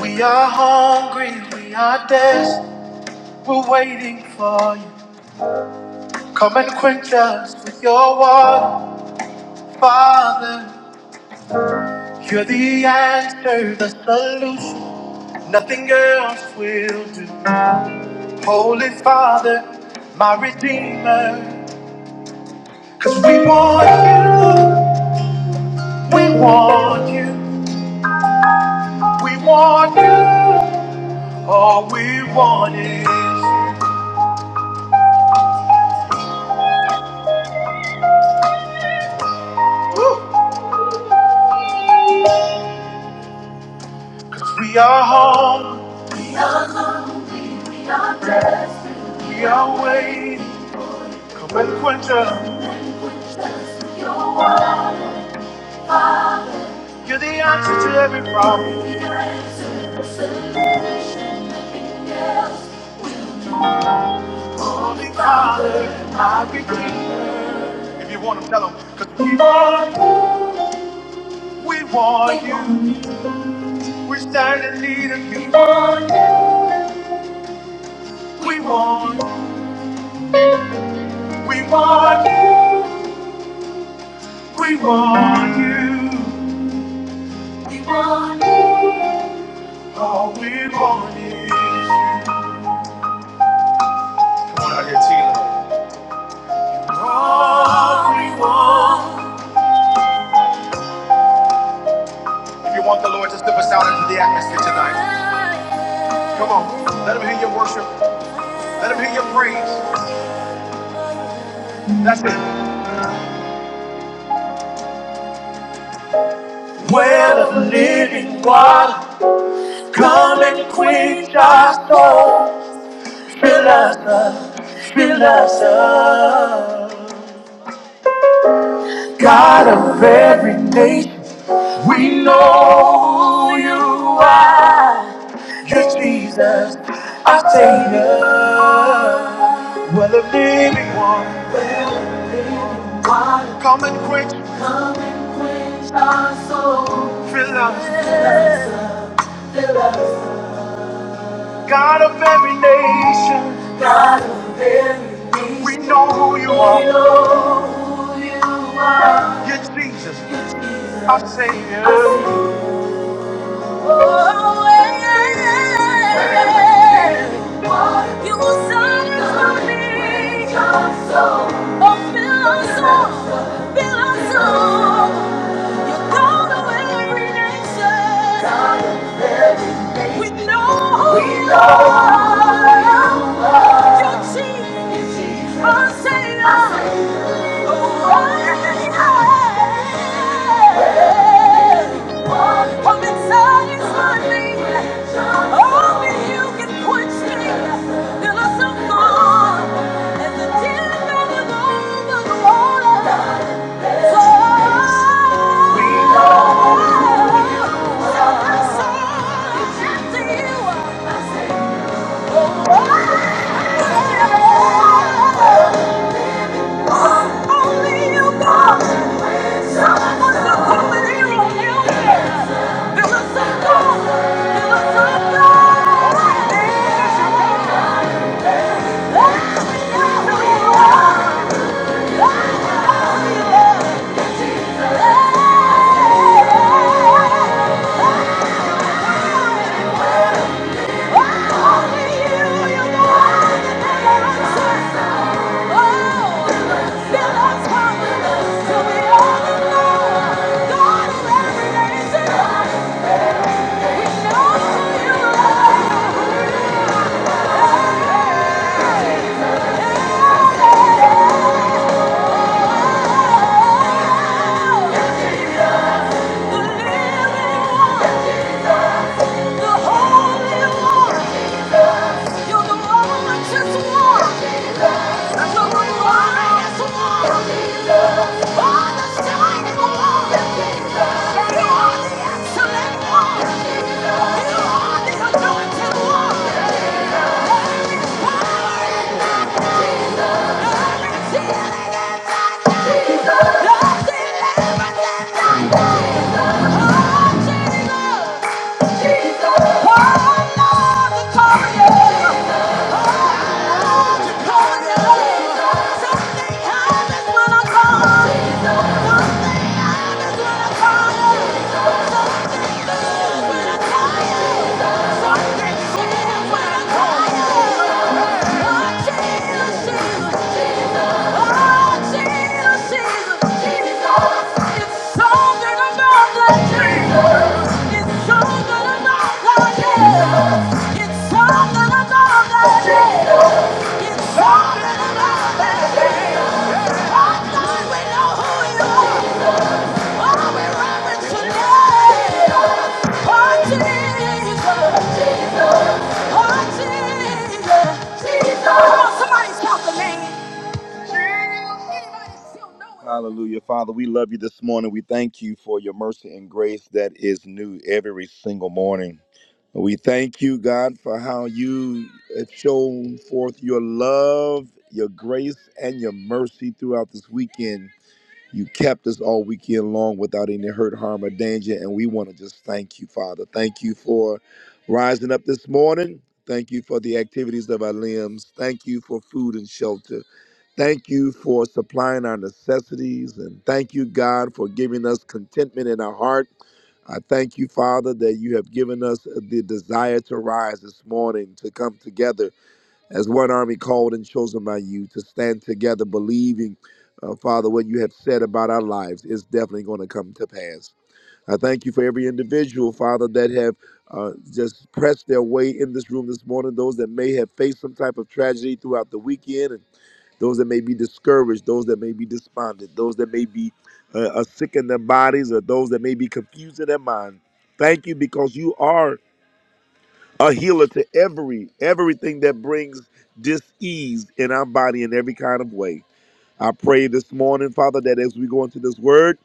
We are hungry, we are desperate, we're waiting for you. Come and quench us with your water, Father. You're the answer, the solution, nothing else will do. Holy Father, my Redeemer, cause we want you, we want you, we want you, all we want is you. Cause we are home, we are waiting. When winter, you're the answer to every problem. Holy Father, I redeemer. If you want them, tell them, because we want you. We want you. We stand in need of you. We want you. We want you. We want you. We want you. We want you. All we want is you. Come on out here, Tina. All we want. If you want the Lord, just lift us out into the atmosphere tonight. Come on, let him hear your worship. Let him hear your praise. That's it. Well, of living water, come and quench our soul. Fill us up, fill us up. God of every nation, we know you are. You're Jesus, our Savior. Well, of living water. Come and quench, come and quench our soul. fill us. fill us God of every nation, God of every nation. We know who you are, we know who you are. You're Jesus, our Savior. We know, we know, you're Jesus, our Savior. From inside Only you can quench me. Till I am gone. And the tears over the water. So we know. So my soul is after you. Oh, oh, oh. Only you, God. Wonderful and hero There is a God. There is a God. There's your God. Just walk. Power in Something happens when I call you. Something good when I call you. It's something about that name. I know we know who you are. Oh, Oh, Oh, Hallelujah. Father, we love you this morning. We thank you for your mercy and grace that is new every single morning. We thank you, God, for how you have shown forth your love, your grace, and your mercy throughout this weekend. You kept us all weekend long without any hurt, harm, or danger. And we want to just thank you, Father. Thank you for rising up this morning. Thank you for the activities of our limbs. Thank you for food and shelter. Thank you for supplying our necessities. And thank you, God, for giving us contentment in our heart. I thank you, Father, that you have given us the desire to rise this morning, to come together as one army called and chosen by you to stand together believing uh, father what you have said about our lives is definitely going to come to pass i thank you for every individual father that have uh, just pressed their way in this room this morning those that may have faced some type of tragedy throughout the weekend and those that may be discouraged those that may be despondent those that may be uh, uh, sick in their bodies or those that may be confused in their mind thank you because you are a healer to every everything that brings dis-ease in our body in every kind of way I pray this morning, Father, that as we go into this word,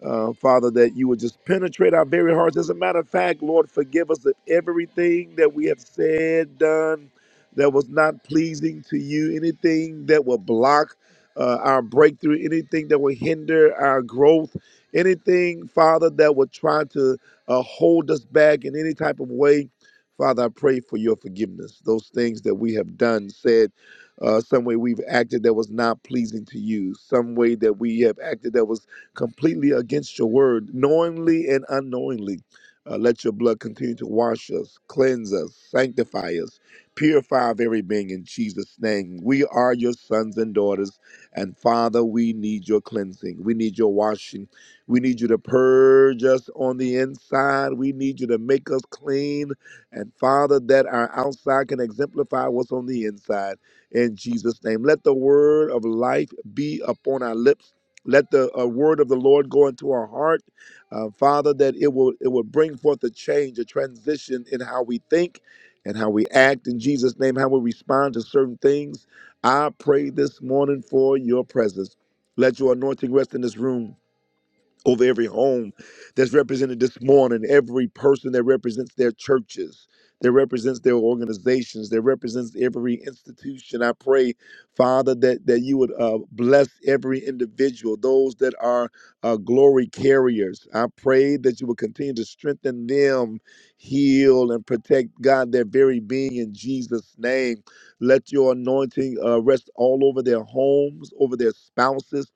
uh, Father, that you would just penetrate our very hearts. As a matter of fact, Lord, forgive us of everything that we have said, done that was not pleasing to you, anything that will block uh, our breakthrough, anything that will hinder our growth, anything, Father, that would try to uh, hold us back in any type of way. Father, I pray for your forgiveness. Those things that we have done, said, uh, some way we've acted that was not pleasing to you, some way that we have acted that was completely against your word, knowingly and unknowingly. Uh, let your blood continue to wash us, cleanse us, sanctify us, purify our very being in Jesus' name. We are your sons and daughters, and Father, we need your cleansing. We need your washing. We need you to purge us on the inside. We need you to make us clean. And Father, that our outside can exemplify what's on the inside in Jesus' name. Let the word of life be upon our lips. Let the uh, word of the Lord go into our heart, uh, Father, that it will it will bring forth a change, a transition in how we think and how we act in Jesus' name, how we respond to certain things. I pray this morning for your presence. Let your anointing rest in this room over every home that's represented this morning, every person that represents their churches, that represents their organizations, that represents every institution. I pray, Father, that, that you would uh, bless every individual, those that are uh, glory carriers. I pray that you would continue to strengthen them, heal, and protect, God, their very being in Jesus' name. Let your anointing uh, rest all over their homes, over their spouses,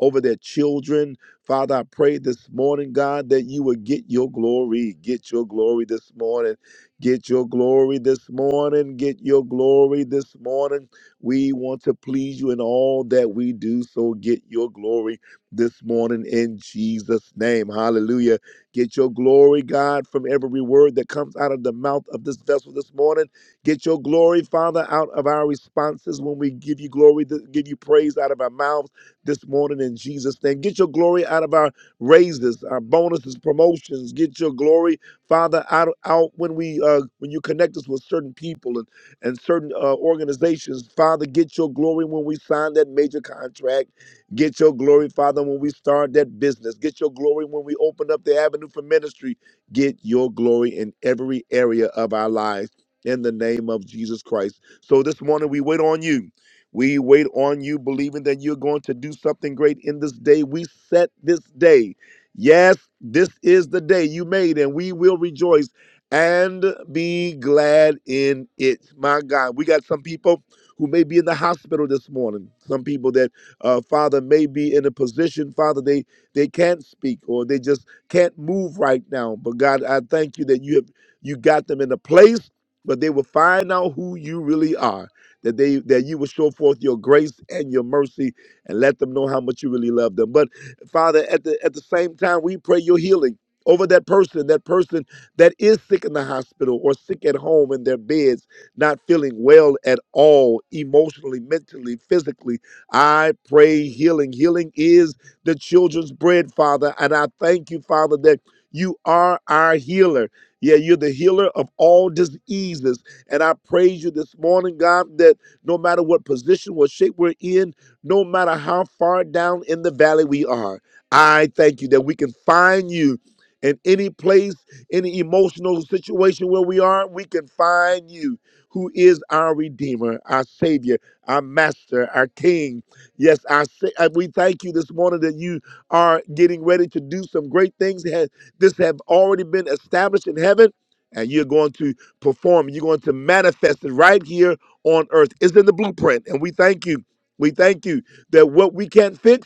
over their children Father, I pray this morning, God, that you would get your glory. Get your glory this morning. Get your glory this morning. Get your glory this morning. We want to please you in all that we do. So get your glory this morning in Jesus' name. Hallelujah. Get your glory, God, from every word that comes out of the mouth of this vessel this morning. Get your glory, Father, out of our responses when we give you glory, th- give you praise out of our mouths this morning in Jesus' name. Get your glory out of our raises, our bonuses, promotions. Get your glory, Father, out out when we uh, when you connect us with certain people and and certain uh, organizations. Father, get your glory when we sign that major contract. Get your glory, Father, when we start that business. Get your glory when we open up the avenue for ministry. Get your glory in every area of our lives. In the name of Jesus Christ. So this morning we wait on you. We wait on you, believing that you're going to do something great in this day. We set this day. Yes, this is the day you made, and we will rejoice and be glad in it. My God, we got some people who may be in the hospital this morning. Some people that, uh, Father, may be in a position, Father, they they can't speak or they just can't move right now. But God, I thank you that you have you got them in a place, but they will find out who you really are that they that you will show forth your grace and your mercy and let them know how much you really love them. But Father, at the at the same time, we pray your healing over that person, that person that is sick in the hospital or sick at home in their beds, not feeling well at all, emotionally, mentally, physically. I pray healing. Healing is the children's bread, Father. And I thank you, Father, that you are our healer. Yeah, you're the healer of all diseases. And I praise you this morning, God, that no matter what position or shape we're in, no matter how far down in the valley we are, I thank you that we can find you in any place, any emotional situation where we are, we can find you who is our Redeemer, our Savior, our Master, our King. Yes, our, Sa- uh, we thank you this morning that you are getting ready to do some great things. Ha- This have already been established in heaven, and you're going to perform. You're going to manifest it right here on earth. It's in the blueprint. And we thank you. We thank you that what we can't fix.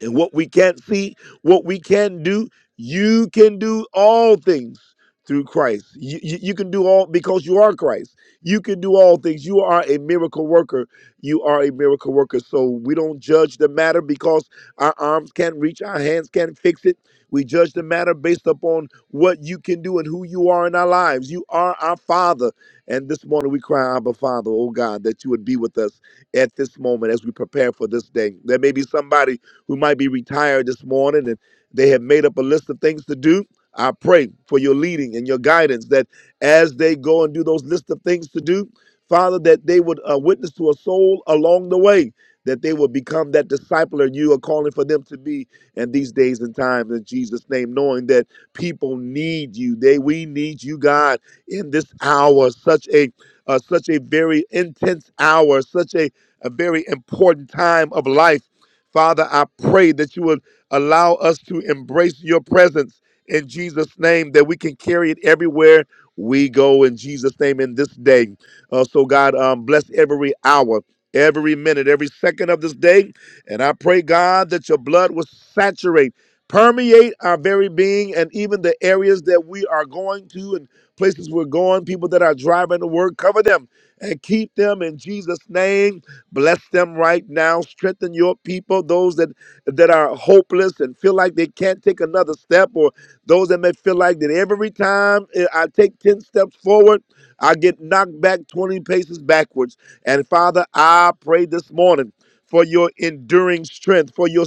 And what we can't see, what we can do, you can do all things through Christ. You, you, you can do all because you are Christ. You can do all things. You are a miracle worker. You are a miracle worker. So we don't judge the matter because our arms can't reach, our hands can't fix it. We judge the matter based upon what you can do and who you are in our lives. You are our Father. And this morning we cry, Abba Father, oh God, that you would be with us at this moment as we prepare for this day. There may be somebody who might be retired this morning and they have made up a list of things to do. I pray for your leading and your guidance that as they go and do those list of things to do, Father, that they would uh, witness to a soul along the way, that they would become that discipler you are calling for them to be in these days and times in Jesus' name, knowing that people need you. They we need you, God, in this hour, such a uh, such a very intense hour, such a, a very important time of life Father, I pray that you would allow us to embrace your presence in Jesus' name, that we can carry it everywhere we go in Jesus' name in this day. Uh, so, God, um, bless every hour, every minute, every second of this day. And I pray, God, that your blood will saturate permeate our very being and even the areas that we are going to and places we're going, people that are driving to work, cover them and keep them in Jesus' name. Bless them right now. Strengthen your people, those that that are hopeless and feel like they can't take another step, or those that may feel like that every time eh, I take 10 steps forward, I get knocked back 20 paces backwards. And Father, I pray this morning for your enduring strength, for your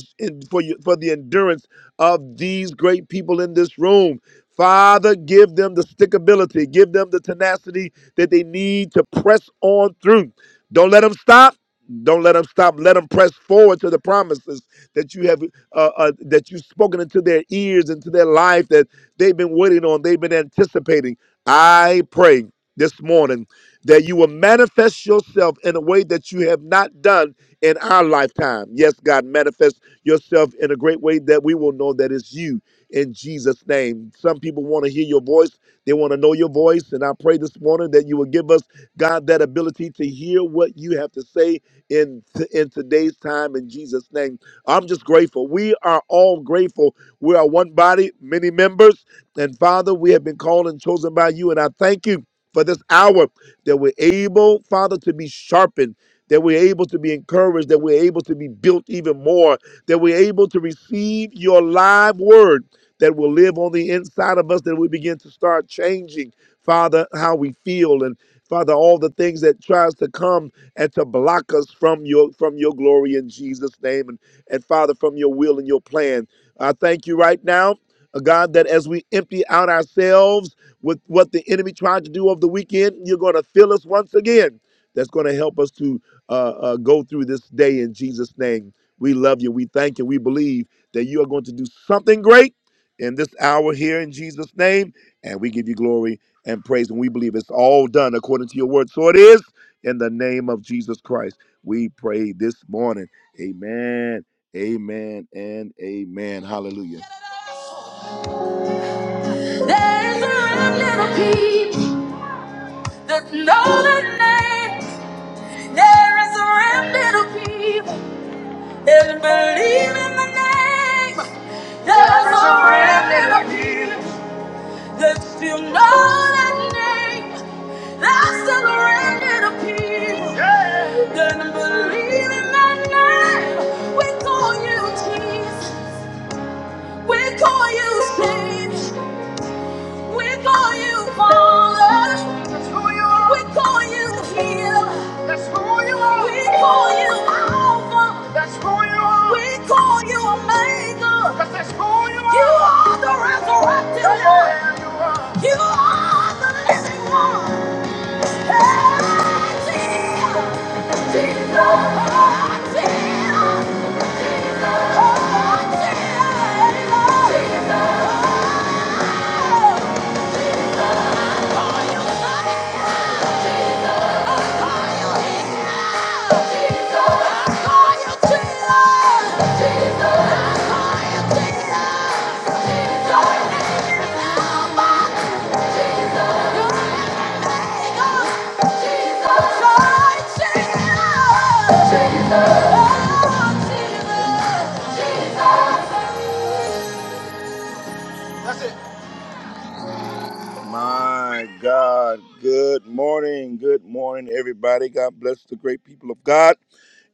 for your, for the endurance of these great people in this room. Father, give them the stickability, give them the tenacity that they need to press on through. Don't let them stop. Don't let them stop. Let them press forward to the promises that you have uh, uh, that you've spoken into their ears, into their life that they've been waiting on, they've been anticipating. I pray this morning that you will manifest yourself in a way that you have not done in our lifetime. Yes, God, manifest yourself in a great way that we will know that it's you in Jesus' name. Some people want to hear your voice, they want to know your voice. And I pray this morning that you will give us, God, that ability to hear what you have to say in, in today's time in Jesus' name. I'm just grateful. We are all grateful. We are one body, many members. And Father, we have been called and chosen by you. And I thank you for this hour that we're able, Father, to be sharpened, that we're able to be encouraged, that we're able to be built even more, that we're able to receive your live word that will live on the inside of us, that we begin to start changing, Father, how we feel and Father, all the things that tries to come and to block us from your from your glory in Jesus' name and, and Father from your will and your plan. I thank you right now, uh, God, that as we empty out ourselves with what the enemy tried to do over the weekend. You're going to fill us once again. That's going to help us to uh, uh, go through this day in Jesus' name. We love you. We thank you. We believe that you are going to do something great in this hour here in Jesus' name. And we give you glory and praise. And we believe it's all done according to your word. So it is in the name of Jesus Christ. We pray this morning. Amen. Amen and amen. Hallelujah. There's a remnant of people there's know other name. There is a remnant of people that believe in the name. There's a remnant of people that still know that name. There's still a remnant of people Yeah. that believe in that name. We call you Jesus. We call you Jesus. We call you Father. That's who you are. We call you Healer. That's who you are. We call you Alpha. That's who you are. We call you Omega. 'Cause that's who you are. You are the resurrected Yeah, one. You are You are the living one. Hey, Jesus. Jesus. Oh, Jesus. Jesus. Oh, Jesus. Jesus. Oh, Jesus! oh, Jesus, Jesus, My God. Good morning. Good morning, everybody. God bless the great people of God.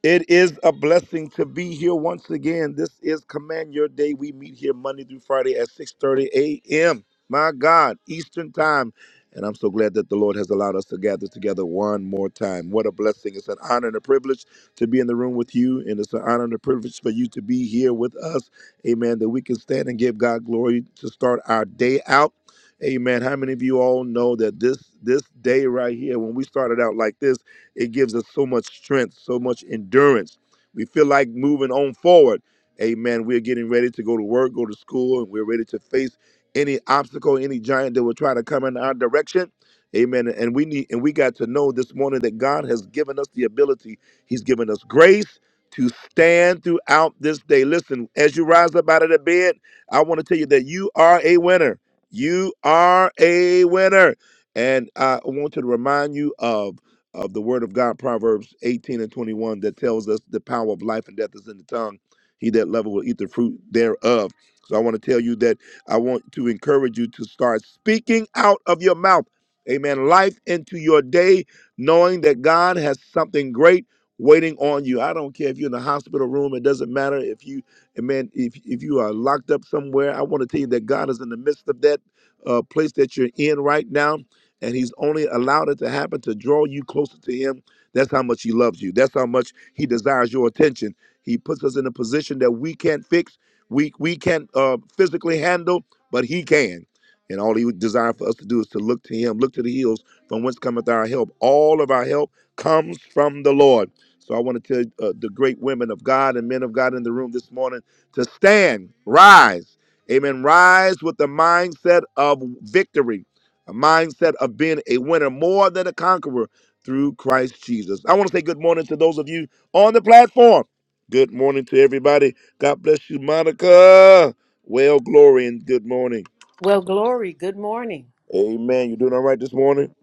It is a blessing to be here once again. This is Command Your Day. We meet here Monday through Friday at 6:30 a.m. My God, Eastern Time. And I'm so glad that the Lord has allowed us to gather together one more time. What a blessing. It's an honor and a privilege to be in the room with you. And it's an honor and a privilege for you to be here with us. Amen. That we can stand and give God glory to start our day out. Amen. How many of you all know that this this day right here, when we started out like this, it gives us so much strength, so much endurance. We feel like moving on forward. Amen. We're getting ready to go to work, go to school, and we're ready to face any obstacle, any giant that will try to come in our direction. Amen. And we need and we got to know this morning that God has given us the ability. He's given us grace to stand throughout this day. Listen, as you rise up out of the bed, I want to tell you that you are a winner. You are a winner. And I want to remind you of of the word of God, Proverbs 18 and 21, that tells us the power of life and death is in the tongue. He that loveth will eat the fruit thereof. So I want to tell you that I want to encourage you to start speaking out of your mouth. Amen. Life into your day, knowing that God has something great waiting on you. I don't care if you're in a hospital room. It doesn't matter if you, amen, if, if you are locked up somewhere. I want to tell you that God is in the midst of that uh, place that you're in right now. And he's only allowed it to happen to draw you closer to him. That's how much he loves you. That's how much he desires your attention. He puts us in a position that we can't fix, we, we can't uh, physically handle, but he can. And all he would desire for us to do is to look to him, look to the hills from whence cometh our help. All of our help comes from the Lord. So I want to tell uh, the great women of God and men of God in the room this morning to stand, rise. Amen. Rise with the mindset of victory, a mindset of being a winner more than a conqueror through Christ Jesus. I want to say good morning to those of you on the platform. Good morning to everybody. God bless you, Monica. Well, glory and good morning. Well, glory, good morning. Amen. You doing all right this morning?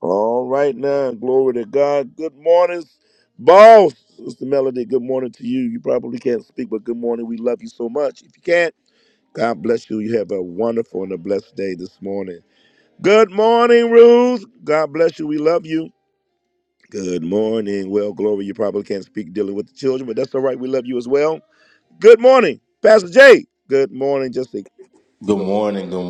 All right now. Glory to God. Good morning, boss. Sister Melody, good morning to you. You probably can't speak, but good morning. We love you so much. If you can, God bless you. You have a wonderful and a blessed day this morning. Good morning, Ruth. God bless you. We love you. Good morning. Well, Glory, you probably can't speak dealing with the children, but that's all right. We love you as well. Good morning, Pastor Jay. Good morning. Just a, Good morning. Good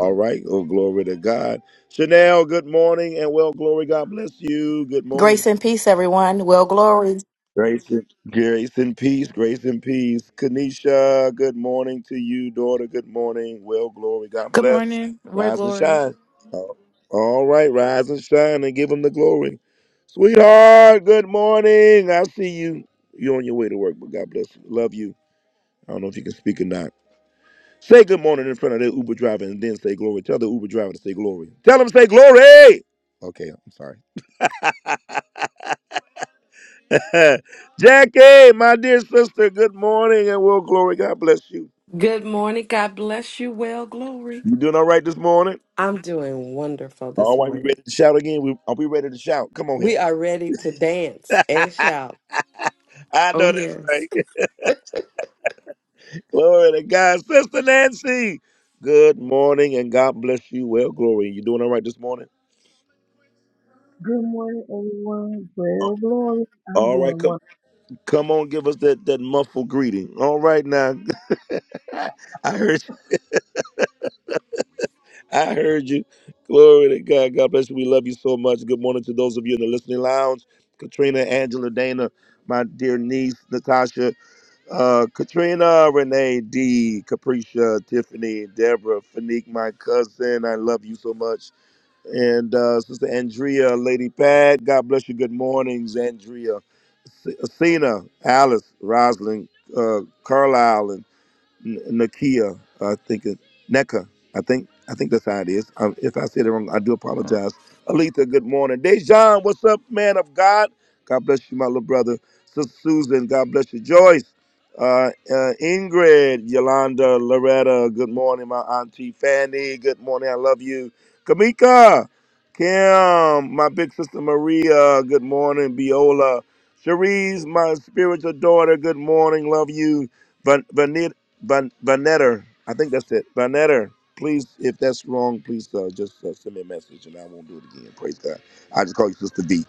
all right. Oh, glory to God. Chanel, good morning. And well, glory, God bless you. Good Grace morning. and peace, everyone. Well, glory. Grace and, grace and peace, grace and peace. Kanisha, good morning to you, daughter. Good morning. Well, glory. God Good bless. morning, where Rise and glory. shine. Oh, All right, rise and shine and give him the glory. Sweetheart, good morning. I see you. You're on your way to work, but God bless you. Love you. I don't know if you can speak or not. Say good morning in front of the Uber driver and then say glory. Tell the Uber driver to say glory. Tell him to say glory. Okay, I'm sorry. Jackie, my dear sister, good morning and well, glory. God bless you. Good morning. God bless you. Well, glory. You doing all right this morning? I'm doing wonderful this All right, we morning. ready to shout again? We, are we ready to shout? Come on here. We are ready to dance and I shout. Oh, know that's yes. right. glory to God. Sister Nancy, good morning and God bless you. Well, glory. You doing all right this morning? Good morning, everyone. Oh, Well, glory. I'm All right, doing come one. come on, give us that that muffled greeting. All right now. I heard I heard you. Glory to God. God bless you. We love you so much. Good morning to those of you in the listening lounge. Katrina, Angela, Dana, my dear niece, Natasha, uh, Katrina, Renee, D, Capricia, Tiffany, Deborah, Fanique, my cousin. I love you so much. And uh, Sister Andrea, Lady Pat, God bless you. Good mornings, Andrea. S- Cena, Alice, Rosalind, uh, Carlisle, N- Nakia, I think it, NECA. I think I think that's how it is. Um if I said it wrong, I do apologize. Aletha, good morning. Dejan, what's up, man of God? God bless you, my little brother. Sister Susan, God bless you. Joyce, uh, uh, Ingrid, Yolanda, Loretta, good morning, my auntie Fanny. Good morning, I love you. Kamika, Kim, my big sister Maria, good morning. Biola, Cherise, my spiritual daughter, good morning, love you. Van Vanetter. I think that's it. Vanetter. Please, if that's wrong, please uh, just uh, send me a message and I won't do it again. Praise God. I just call you Sister V.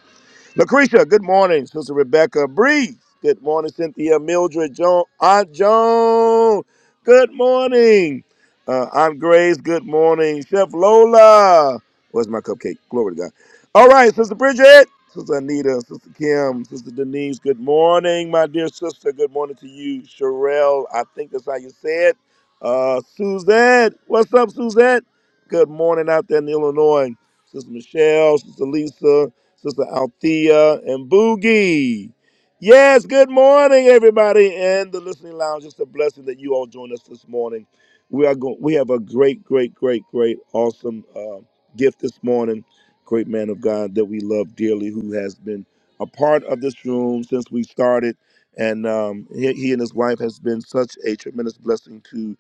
Lucretia, good morning. Sister Rebecca Breeze, good morning. Cynthia Mildred Joan, Aunt Joan, good morning. Uh, Aunt Grace, good morning. Chef Lola, where's my cupcake? Glory to God. All right, Sister Bridget, Sister Anita, Sister Kim, Sister Denise, good morning, my dear sister. Good morning to you. Sherelle, I think that's how you say it. Uh, Suzette, what's up, Suzette? Good morning out there in Illinois. Sister Michelle, Sister Lisa, Sister Althea and Boogie. Yes, good morning, everybody, in the listening lounge. It's a blessing that you all join us this morning. We are going. We have a great, great, great, great, awesome uh, gift this morning. Great man of God that we love dearly, who has been a part of this room since we started, and um, he, he and his wife has been such a tremendous blessing to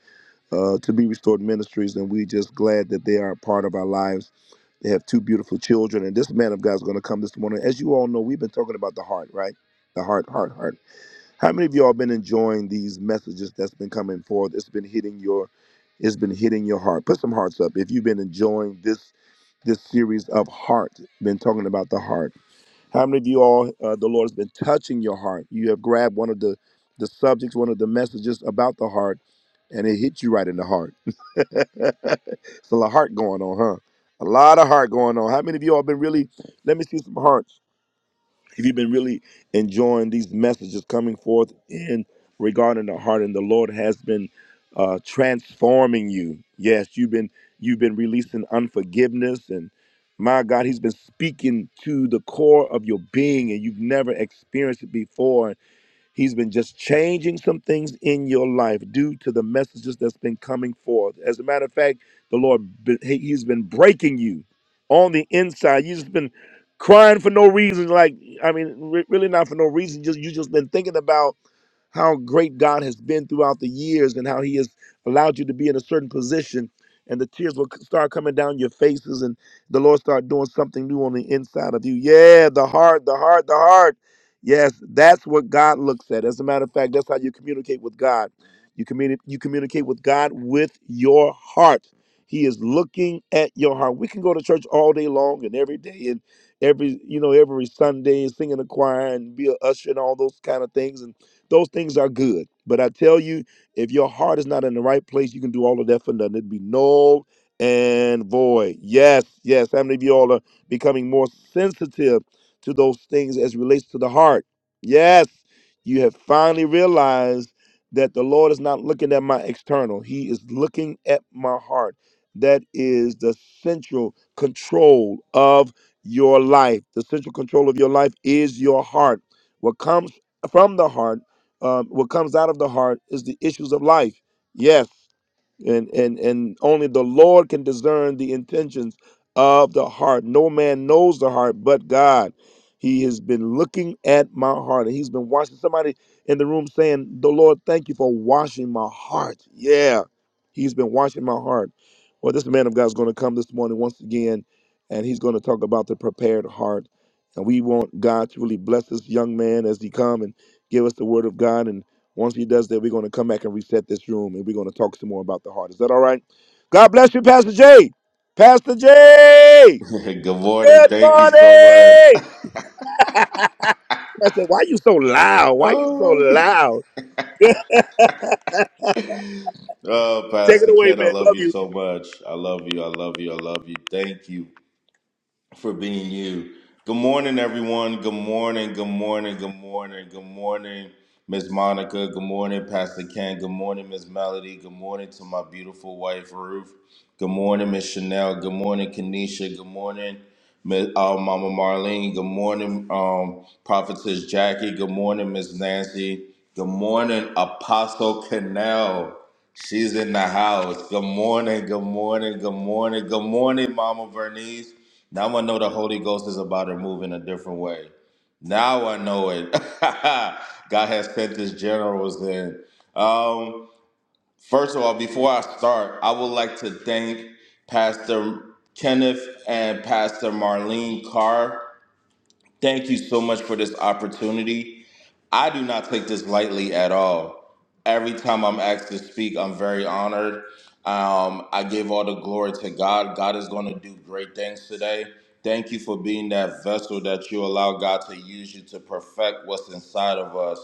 uh, to be restored ministries, and we are just glad that they are a part of our lives they have two beautiful children, and this man of God is going to come this morning. As you all know, we've been talking about the heart, right? The heart, heart, heart. How many of y'all been enjoying these messages that's been coming forth? It's been hitting your, it's been hitting your heart. Put some hearts up if you've been enjoying this this series of heart. Been talking about the heart. How many of you all, uh, the Lord has been touching your heart? You have grabbed one of the the subjects, one of the messages about the heart, and it hit you right in the heart. it's a lot of heart going on, huh? A lot of heart going on. How many of you all been really? Let me see some hearts. If you have been really enjoying these messages coming forth in regarding the heart? And the Lord has been uh, transforming you. Yes, you've been you've been releasing unforgiveness, and my God, He's been speaking to the core of your being, and you've never experienced it before. He's been just changing some things in your life due to the messages that's been coming forth. As a matter of fact, the Lord, he- he's been breaking you on the inside. You've just been crying for no reason. Like, I mean, re- really not for no reason. Just, you just been thinking about how great God has been throughout the years and how He has allowed you to be in a certain position. And the tears will start coming down your faces, and the Lord start doing something new on the inside of you. Yeah, the heart, the heart, the heart. Yes, that's what God looks at. As a matter of fact, that's how you communicate with God. You communi- you communicate with God with your heart. He is looking at your heart. We can go to church all day long and every day and every you know every Sunday and sing in the choir and be a usher and all those kind of things and. Those things are good. But I tell you, if your heart is not in the right place, you can do all of that for nothing. It'd be null and void. Yes, yes. How many of you all are becoming more sensitive to those things as it relates to the heart? Yes. You have finally realized that the Lord is not looking at my external. He is looking at my heart. That is the central control of your life. The central control of your life is your heart. What comes from the heart um, what comes out of the heart is the issues of life. Yes, and and and only the Lord can discern the intentions of the heart. No man knows the heart but God. He has been looking at my heart, and He's been watching. Somebody in the room saying, "The Lord, thank you for washing my heart." Yeah, He's been washing my heart. Well, this man of God is going to come this morning once again, and he's going to talk about the prepared heart. And we want God to really bless this young man as he come and give us the word of God. And once he does that, we're going to come back and reset this room and we're going to talk some more about the heart. Is that all right? God bless you, Pastor J. Pastor J. good morning. Good Thank you morning. so much. I said, why you so loud? Why you so Oh my God. loud? Oh, Take it Pastor away, Ken, I man. love Love you you. so much. I love you. I love you. I love you. Thank you. for being you. Good morning, everyone. Good morning. Good morning. Good morning. Good morning, Miss Monica. Good morning, Pastor Ken. Good morning, Miss Melody. Good morning to my beautiful wife, Ruth. Good morning, Miss Chanel. Good morning, Kenesha. Good morning, Miss uh, Mama Marlene. Good morning, um, Prophetess Jackie. Good morning, Miss Nancy. Good morning, Apostle Canal. She's in the house. Good morning, good morning, good morning, good morning, Mama Vernice. Now I know the Holy Ghost is about to move in a different way. Now I know it. God has sent his generals in. Um, first of all, before I start, I would like to thank Pastor Kenneth and Pastor Marlene Carr Thank you so much for this opportunity. I do not take this lightly at all. Every time I'm asked to speak, I'm very honored. Um, I give all the glory to God. God is going to do great things today. Thank you for being that vessel that you allow God to use you to perfect what's inside of us.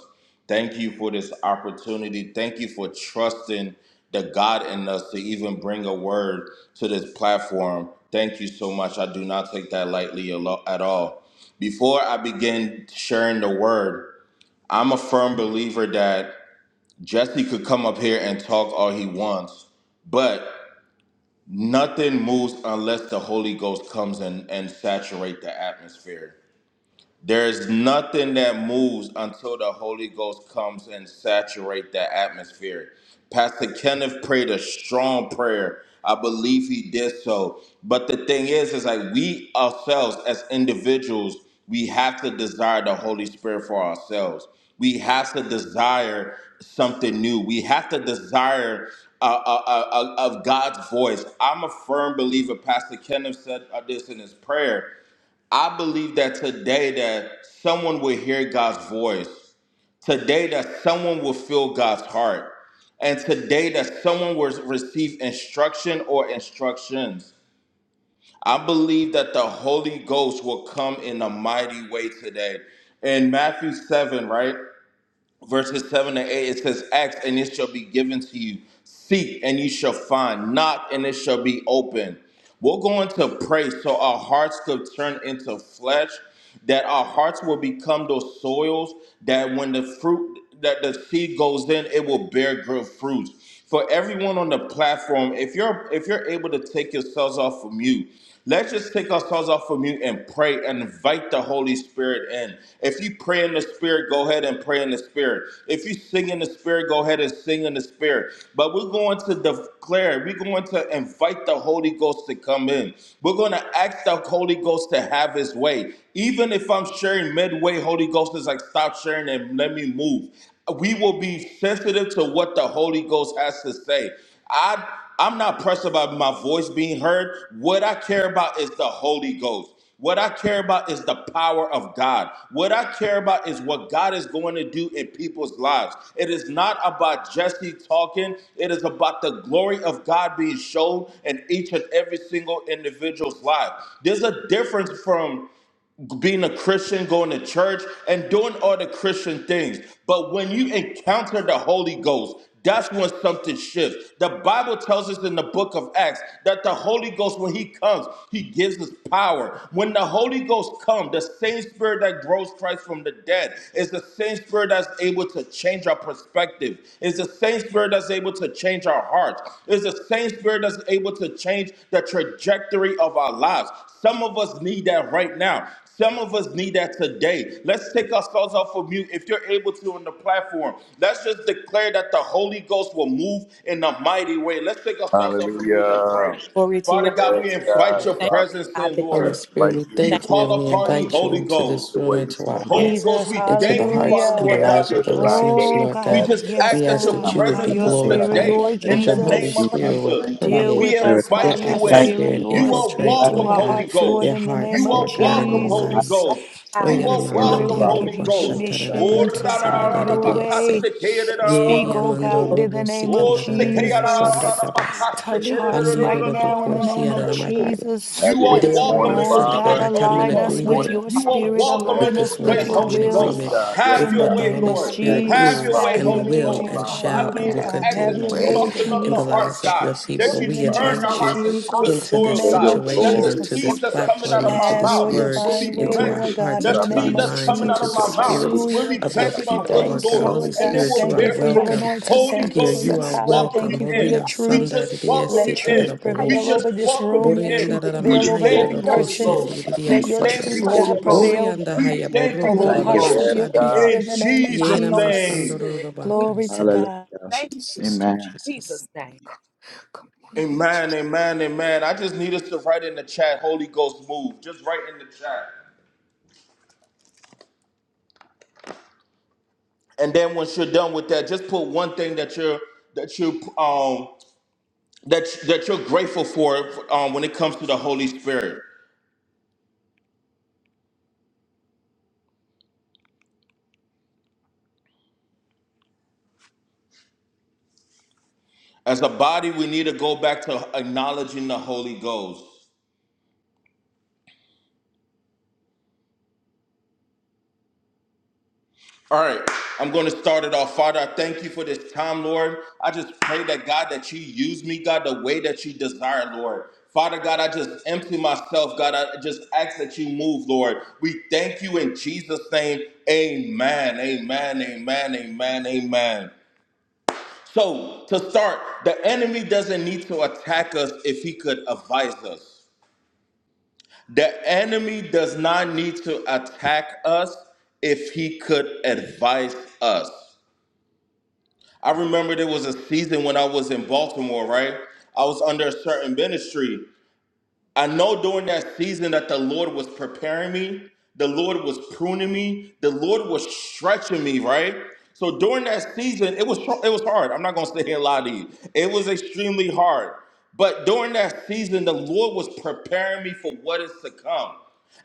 Thank you for this opportunity. Thank you for trusting the God in us to even bring a word to this platform. Thank you so much. I do not take that lightly a lo- at all. Before I begin sharing the word, I'm a firm believer that Jesse could come up here and talk all he wants, but nothing moves unless the Holy Ghost comes in and saturate the atmosphere. There's nothing that moves until the Holy Ghost comes and saturate that atmosphere. Pastor Kenneth prayed a strong prayer. I believe he did so. But the thing is, is like we ourselves as individuals, we have to desire the Holy Spirit for ourselves. We have to desire something new. We have to desire uh, uh, uh, uh, of God's voice. I'm a firm believer. Pastor Kenneth said uh, this in his prayer. I believe that today that someone will hear God's voice. Today that someone will feel God's heart. And today that someone will receive instruction or instructions. I believe that the Holy Ghost will come in a mighty way today. In Matthew 7, right? verses 7 to 8 it says ask and it shall be given to you seek and you shall find knock and it shall be open we're going to pray so our hearts could turn into flesh that our hearts will become those soils that when the fruit that the seed goes in it will bear good fruits for everyone on the platform, if you're if you're able to take yourselves off of mute, let's just take ourselves off of mute and pray and invite the Holy Spirit in. If you pray in the Spirit, go ahead and pray in the Spirit. If you sing in the Spirit, go ahead and sing in the Spirit. But we're going to declare, we're going to invite the Holy Ghost to come in. We're going to ask the Holy Ghost to have his way. Even if I'm sharing midway, Holy Ghost is like, stop sharing and let me move we will be sensitive to what the Holy Ghost has to say. I I'm not pressed about my voice being heard. What I care about is the Holy Ghost. What I care about is the power of God. What I care about is what God is going to do in people's lives. It is not about Jesse talking. It is about the glory of God being shown in each and every single individual's life. There's a difference from being a Christian, going to church, and doing all the Christian things. But when you encounter the Holy Ghost, that's when something shifts. The Bible tells us in the book of Acts that the Holy Ghost, when He comes, He gives us power. When the Holy Ghost comes, the same Spirit that rose Christ from the dead is the same Spirit that's able to change our perspective, is the same Spirit that's able to change our hearts, is the same Spirit that's able to change the trajectory of our lives. Some of us need that right now. Some of us need that today. Let's take ourselves off of mute. If you're able to on the platform, let's just declare that the Holy Ghost will move in a mighty way. Let's take ourselves off of mute and pray. Glory to Father you. God, we invite And We your Thank you, presence God, in, that Holy you're Lord. Spirit, moving. we We Thank thank you and call we upon you, invite you Holy into this Ghost. room, into our you, and Holy hearts, Ghost, Jesus, we into the thank you, hearts Father, and hallelujah. the Lord lives God. of the listeners, Oh Lord We God. God, just yes, We ask that ask your that I'm you God, would by be presence your move happy in the name spirit, glorified, today thank Lord of in that Have your the your you, way, Holy name God. Jesus. Jesus. of Lord, Spirit Jesus. would Thank you, Deal Holy permeate We with Spirit. us by their invite your you Thank you, in. atmosphere spirit, and You Lord. are Speak infiltrate, to welcome, Holy Lord our Holy God, hearts, Spirit. Lord, their Ghost. in the Thank name hearts, You you, of Lord are God, God, and welcome, their Holy Holy Jesus. minds. all Spirit. Ghost. Oye, power. You Holy are In the Spirit, welcome, we Ramahandi, give Holy you Jesus, Arurubasha, Ghost. Oh, permission Hallelujah. Tararabaka, to ra ra Glory, ra have ra God. your you are ba the ka one Sandararidiase. way. se ke ra ra who Thank you, God, ra Yeri Speak, want to move oh ba Jesus. for Amando so God, ko. in Robo, the name of Oh, se ke Oh, ra Sikandararidia, God, ra ra thank Have Jesus. ba your Sandragabase. way, ka se Touch God. ke you, ra hearts ra ra Andi, ra right ra time. now in Aruruboko, the Thank you, name ra ra of ba ko. Siaranamagaya. Jesus. Time You are is Dear welcome my in Oh this son of God, God, place, I You come Holy in align walk us Ghost. with with agreement your You wonderful. Thank you, Holy are spirit, us. welcome Spirit. with in align this this us You word. with I place, your walk come in Holy with will. our Ghost. agreement lives. Have In with the your what the way, name Holy of Lord. Spirit Even Have this Jesus, your is way, have morning, your and Holy way, will oh Ghost. Lord. and Jesus. God, Have Lord, your shall I we and way, Thank will just you, have Holy God. Spirit. ask your Have that continue your you to Lord, Thank do way. you, way, soften God. Have up in the the your way, hearts, lives Jesus. of your God. That Lord, Jesus. people. you In Thank the We you, turn Have name the Thank invite you, of Jesus. you your hearts way, into God. on good the Jesus. Let into In the your this soils, name of God. Holy That situation, the people into Jesus. God, this seeds that's coming out platform, of my Change into Have us, this your mouth use word, will us be divine for your way, into glory. our Lord planted. God, hearts, be The in the into our seed name Spirit. of Use that's us minds, coming for In out your into the of the Jesus. my name service. of mouth Jesus. spirits Souls will to Hallelujah. be be of all your planted saved. on power. people, good Our Thank Lord Thank you, you, God. God, soil, Lord. souls Holy Lord to and be it God. Spirit, will you Thank are you bear for strengthened your that fruit. welcome anointing. now as Holy Thank you here. for Ghost, we your You are just intercessors. power. oh welcome Thank God. welcome. you you for your in. Boria We truth. Sanda just Didia welcome Let you Sita da Thank truth in. inside of We us, prevail Bohosha. just over this welcome room. you Thank Let you. Borianda in. truth that da prevail We over Mahaya thank Thank every da you, show you, the Holy person. Ghost. Kosendi Jesus. Didia Let We your For the thank Saya. you, truth, heart souls of Holy God, you, Ghost. prevail Borianda your We Haya thank you, over Boroto the da Holy thank you, that hearts Father. Ghost. of you your live children. Bashandia. people in In the Thank name of you, by Yena Jesus' your Holy Jesus. name. Masandoro Spirit. da We Glory Father. Bakansa. In to the name of Jesus. God. Hallelujah. thank Jesus. Thank you, Amen. Jesus. Jesus' name. Come on in, Amen, amen, amen. I just need us to write in the chat, Holy Ghost move. Just write in the chat. And then once you're done with that, just put one thing that you're that you um that that you're grateful for um, when it comes to the Holy Spirit. As a body, we need to go back to acknowledging the Holy Ghost. All right, I'm going to start it off. Father, I thank you for this time, Lord. I just pray that God, that you use me, God, the way that you desire, Lord. Father God, I just empty myself, God. I just ask that you move, Lord. We thank you in Jesus' name. Amen, amen, amen, amen, amen. So, to start, the enemy doesn't need to attack us if he could advise us. The enemy does not need to attack us if he could advise us. I remember there was a season when I was in Baltimore, right? I was under a certain ministry. I know during that season that the Lord was preparing me, the Lord was pruning me, the Lord was stretching me, right? So during that season, it was it was hard. I'm not gonna sit here and lie to you. It was extremely hard. But during that season, the Lord was preparing me for what is to come.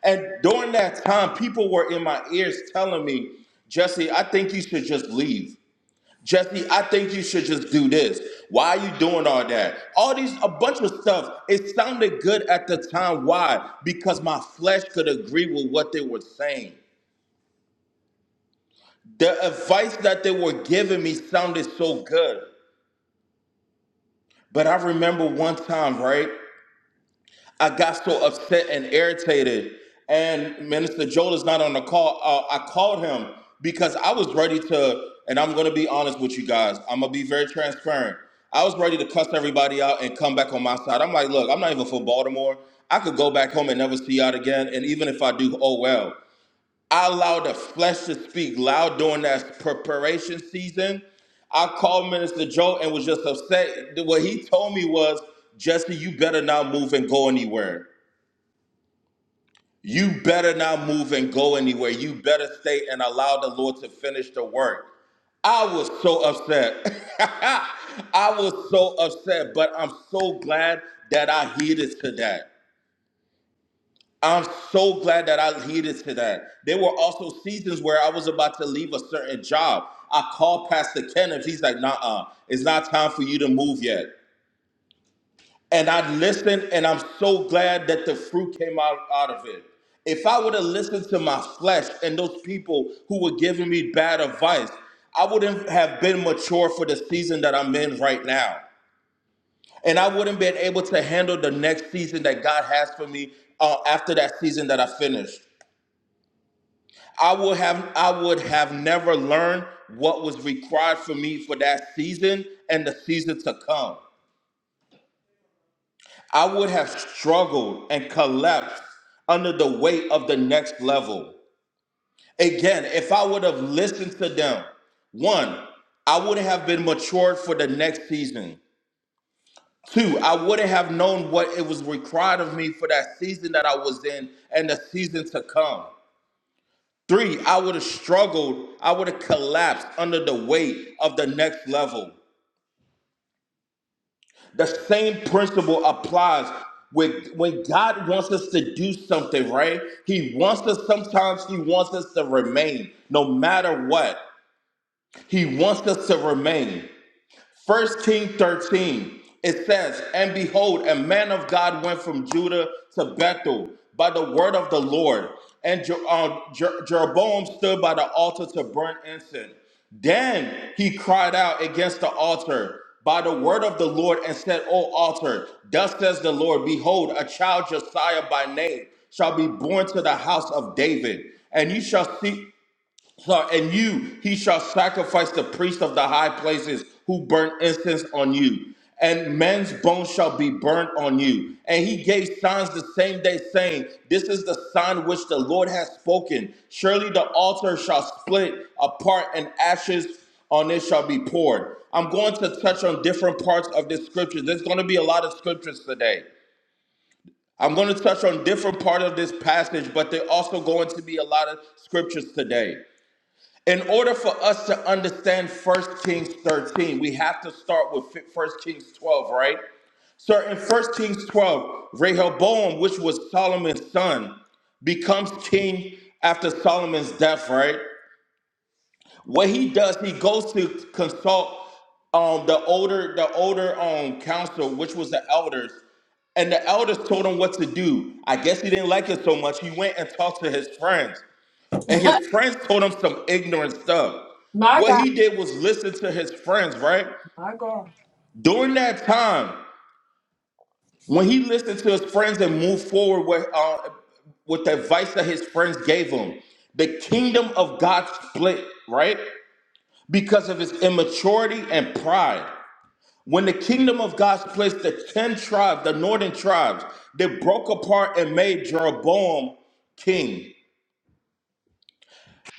And during that time, people were in my ears telling me, Jesse, I think you should just leave. Jesse, I think you should just do this. Why are you doing all that? All these, a bunch of stuff. It sounded good at the time. Why? Because my flesh could agree with what they were saying. The advice that they were giving me sounded so good. But I remember one time, right? I got so upset and irritated. And Minister Joel is not on the call. Uh, I called him because I was ready to, and I'm going to be honest with you guys. I'm going to be very transparent. I was ready to cuss everybody out and come back on my side. I'm like, look, I'm not even for Baltimore. I could go back home and never see y'all again. And even if I do, oh well. I allowed the flesh to speak loud during that preparation season. I called Minister Joe and was just upset. What he told me was, Jesse, you better not move and go anywhere. You better not move and go anywhere. You better stay and allow the Lord to finish the work. I was so upset. I was so upset, but I'm so glad that I heeded to that. I'm so glad that I heeded to that. There were also seasons where I was about to leave a certain job. I called Pastor Kenneth. He's like, nah, uh, it's not time for you to move yet and I listened, and I'm so glad that the fruit came out, out of it. If I would have listened to my flesh and those people who were giving me bad advice, I wouldn't have been mature for the season that I'm in right now. And I wouldn't been able to handle the next season that God has for me uh, after that season that I finished. I would have I would have never learned what was required for me for that season and the season to come. I would have struggled and collapsed under the weight of the next level. Again, if I would have listened to them, one, I would have been matured for the next season. Two, I wouldn't have known what it was required of me for that season that I was in and the season to come. Three, I would have struggled. I would have collapsed under the weight of the next level. The same principle applies with when God wants us to do something, right? He wants us sometimes he wants us to remain no matter what. He wants us to remain. First King 13, it says, And behold, a man of God went from Judah to Bethel by the word of the Lord. And Je- uh, Je- Jeroboam stood by the altar to burn incense. Then he cried out against the altar by the word of the Lord and said, O altar, thus says the Lord, behold, a child Josiah by name shall be born to the house of David. And you shall see. So, and you, he shall sacrifice the priest of the high places who burn incense on you, and men's bones shall be burnt on you. And he gave signs the same day, saying, This is the sign which the Lord has spoken. Surely the altar shall split apart, and ashes on it shall be poured. I'm going to touch on different parts of this scripture. There's going to be a lot of scriptures today. I'm going to touch on different part of this passage, but there also going to be a lot of scriptures today. In order for us to understand First Kings 13, we have to start with First Kings 12, right? So in First Kings 12, Rehoboam, which was Solomon's son, becomes king after Solomon's death, right? What he does, he goes to consult um, the older the older um, council, which was the elders, and the elders told him what to do. I guess he didn't like it so much. He went and talked to his friends and his friends told him some ignorant stuff. My What God, he did was listen to his friends, right? my God. During that time, when he listened to his friends and moved forward with, uh, with the advice that his friends gave him, the kingdom of God split, right? Because of his immaturity and pride. When the kingdom of God splits, the 10 tribes, the northern tribes, they broke apart and made Jeroboam king.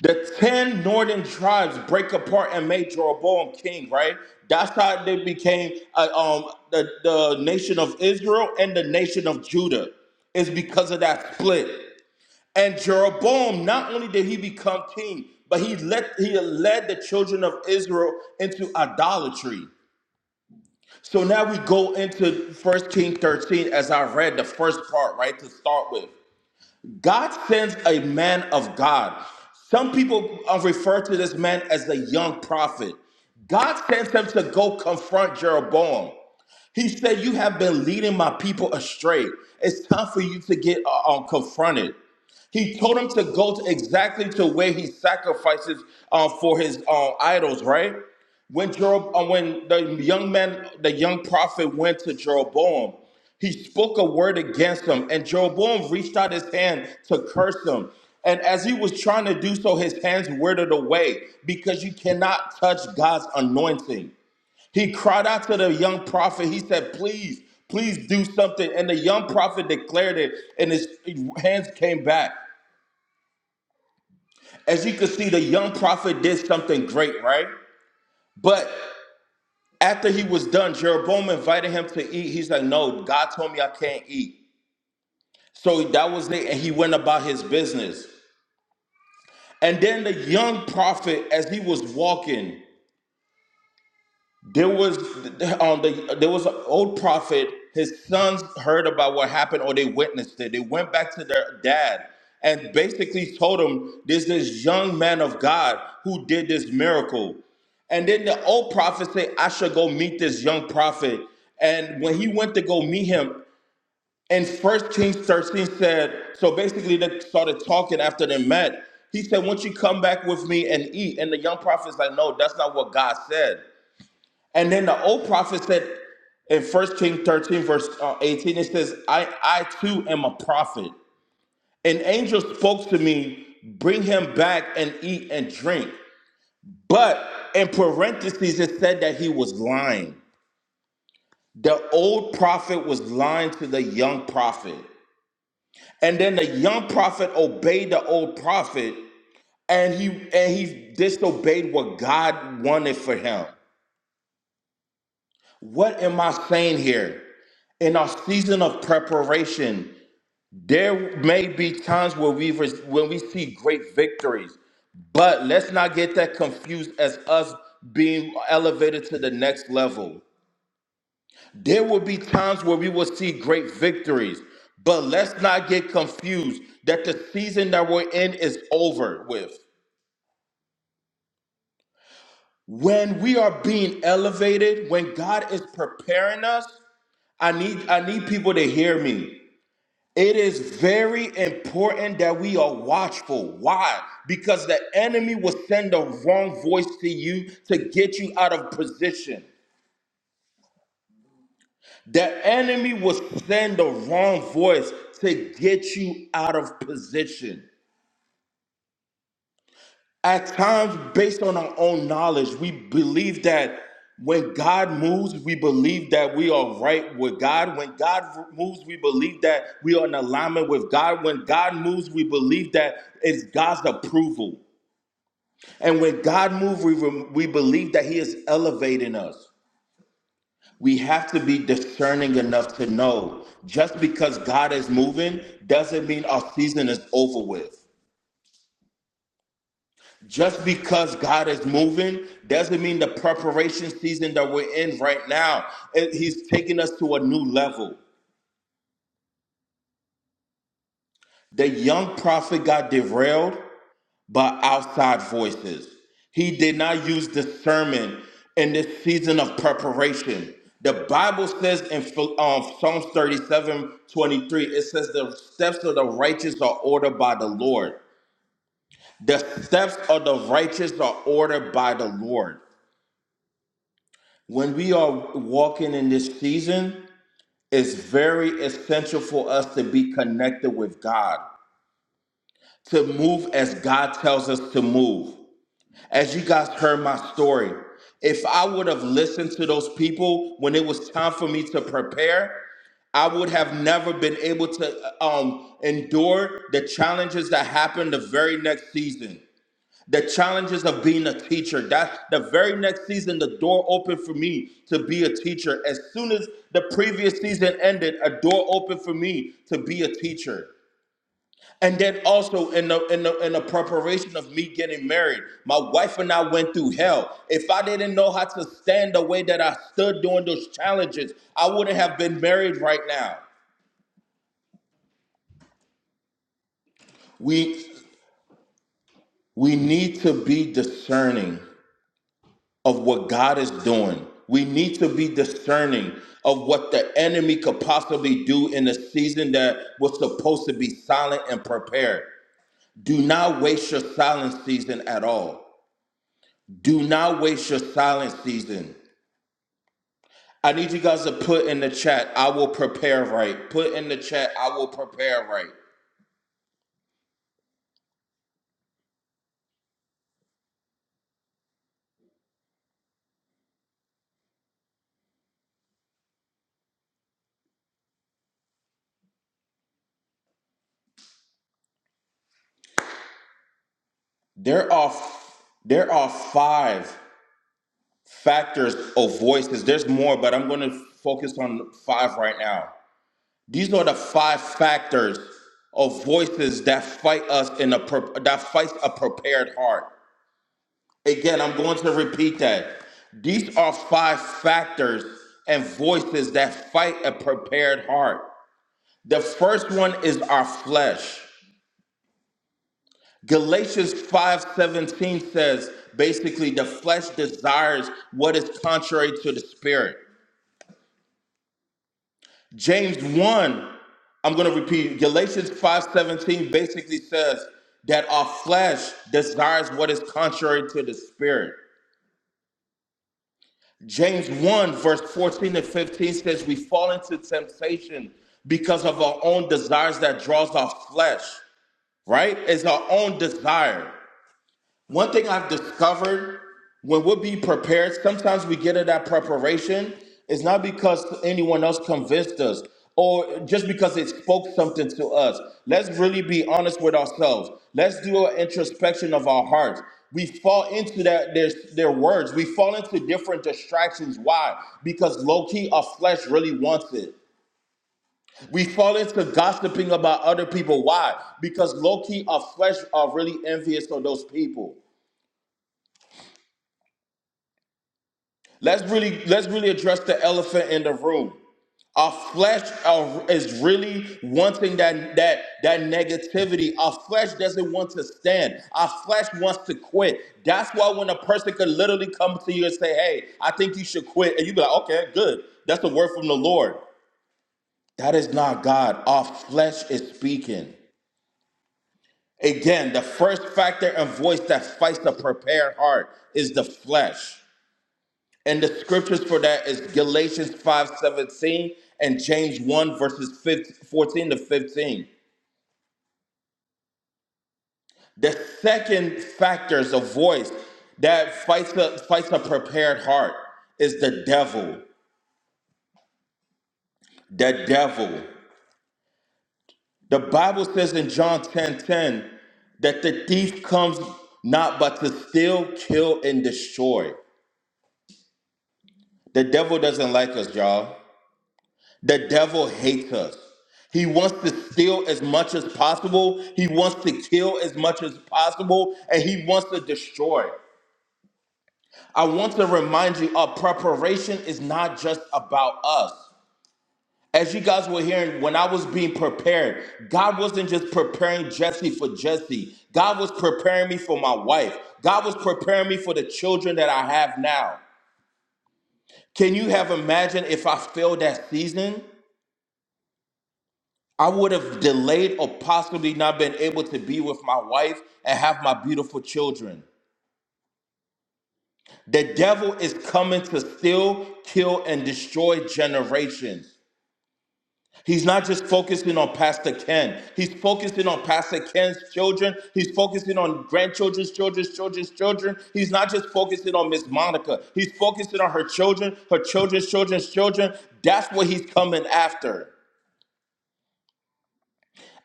The ten northern tribes break apart and made Jeroboam king, right? That's how they became uh, um, the, the nation of Israel and the nation of Judah, is because of that split. And Jeroboam, not only did he become king, but he led, he led the children of Israel into idolatry. So now we go into First Kings 13 as I read the first part, right, to start with. God sends a man of God. Some people uh, refer to this man as the young prophet. God sends him to go confront Jeroboam. He said, You have been leading my people astray. It's time for you to get uh, um, confronted. He told him to go to exactly to where he sacrifices uh, for his uh, idols, right? When Jerob, uh, when the young man, the young prophet went to Jeroboam, he spoke a word against him, and Jeroboam reached out his hand to curse him. And as he was trying to do so, his hands withered away because you cannot touch God's anointing. He cried out to the young prophet. He said, Please, please do something. And the young prophet declared it, and his hands came back. As you can see, the young prophet did something great, right? But after he was done, Jeroboam invited him to eat. He's like, No, God told me I can't eat. So that was it. And he went about his business. And then the young prophet, as he was walking, There was um, the, there was an old prophet. His sons heard about what happened, or they witnessed it. They went back to their dad and basically told him, "There's this young man of God who did this miracle." And then the old prophet said, "I should go meet this young prophet." And when he went to go meet him, and First Kings 13 said, so basically they started talking after they met. He said, "Won't you come back with me and eat?" And the young prophet's like, "No, that's not what God said." And then the old prophet said in First King 13, verse uh, 18, it says, I, I too am a prophet. An angel spoke to me, bring him back and eat and drink. But in parentheses, it said that he was lying. The old prophet was lying to the young prophet. And then the young prophet obeyed the old prophet and he and he disobeyed what God wanted for him. What am I saying here? In our season of preparation, there may be times where we when we see great victories, but let's not get that confused as us being elevated to the next level. There will be times where we will see great victories, but let's not get confused that the season that we're in is over with. When we are being elevated, when God is preparing us, I need I need people to hear me. It is very important that we are watchful. Why? Because the enemy will send the wrong voice to you to get you out of position. The enemy will send the wrong voice to get you out of position. At times, based on our own knowledge, we believe that when God moves, we believe that we are right with God. When God moves, we believe that we are in alignment with God. When God moves, we believe that it's God's approval. And when God moves, we, we believe that He is elevating us. We have to be discerning enough to know just because God is moving doesn't mean our season is over with. Just because God is moving doesn't mean the preparation season that we're in right now. It- he's taking us to a new level. The young prophet got derailed by outside voices. He did not use discernment in this season of preparation. The Bible says in um, Psalms 37 23, it says, The steps of the righteous are ordered by the Lord. The steps of the righteous are ordered by the Lord. when we are walking in this season, it's very essential for us to be connected with God, to move as God tells us to move. As you guys heard my story, if I would have listened to those people when it was time for me to prepare, I would have never been able to um, endure the challenges that happened the very next season the challenges of being a teacher. That the very next season, the door opened for me to be a teacher. As soon as the previous season ended, a door opened for me to be a teacher. And then also in the in the in the preparation of me getting married, my wife and I went through hell. If I didn't know how to stand the way that I stood during those challenges, I wouldn't have been married right now. We we need to be discerning of what God is doing. We need to be discerning of what the enemy could possibly do in a season that was supposed to be silent and prepared. Do not waste your silent season at all. Do not waste your silent season. I need you guys to put in the chat, I will prepare right. Put in the chat, I will prepare right. There are there are five factors of voices. There's more, but I'm going to focus on five right now. These are the five factors of voices that fight us in a pre- that fights a prepared heart. Again, I'm going to repeat that. These are five factors and voices that fight a prepared heart. The first one is our flesh. Galatians 5:17 says basically the flesh desires what is contrary to the spirit. James 1, I'm going to repeat, Galatians 5:17 basically says that our flesh desires what is contrary to the spirit. James 1 verse 14 and 15 says we fall into temptation because of our own desires that draws our flesh, right? It's our own desire. One thing I've discovered when we'll be prepared, sometimes we get in that preparation, it's not because anyone else convinced us or just because it spoke something to us. Let's really be honest with ourselves. Let's do an introspection of our hearts. We fall into that their, their words. We fall into different distractions. Why? Because low key, our flesh really wants it. We fall into gossiping about other people. Why? Because low key, our flesh are really envious of those people. Let's really let's really address the elephant in the room. Our flesh uh, is really wanting that that that negativity. Our flesh doesn't want to stand. Our flesh wants to quit. That's why when a person could literally come to you and say, "Hey, I think you should quit," and you be like, "Okay, good. That's a word from the Lord." That is not God. Our flesh is speaking. Again, the first factor and voice that fights the prepared heart is the flesh. And the scriptures for that is Galatians 5:17 and James 1 verses 15, 14 to 15. The second factor is a voice that fights a, fights a prepared heart is the devil. The devil. The Bible says in John 10:10 that the thief comes not but to steal, kill, and destroy. The devil doesn't like us, y'all. The devil hates us. He wants to steal as much as possible. He wants to kill as much as possible. And he wants to destroy. I want to remind you our preparation is not just about us. As you guys were hearing, when I was being prepared, God wasn't just preparing Jesse for Jesse. God was preparing me for my wife. God was preparing me for the children that I have now. Can you have imagined if I failed that season? I would have delayed or possibly not been able to be with my wife and have my beautiful children. The devil is coming to steal, kill, and destroy generations. He's not just focusing on Pastor Ken. He's focusing on Pastor Ken's children. He's focusing on grandchildren's children's children's children. He's not just focusing on Miss Monica. He's focusing on her children, her children's children's children. That's what he's coming after.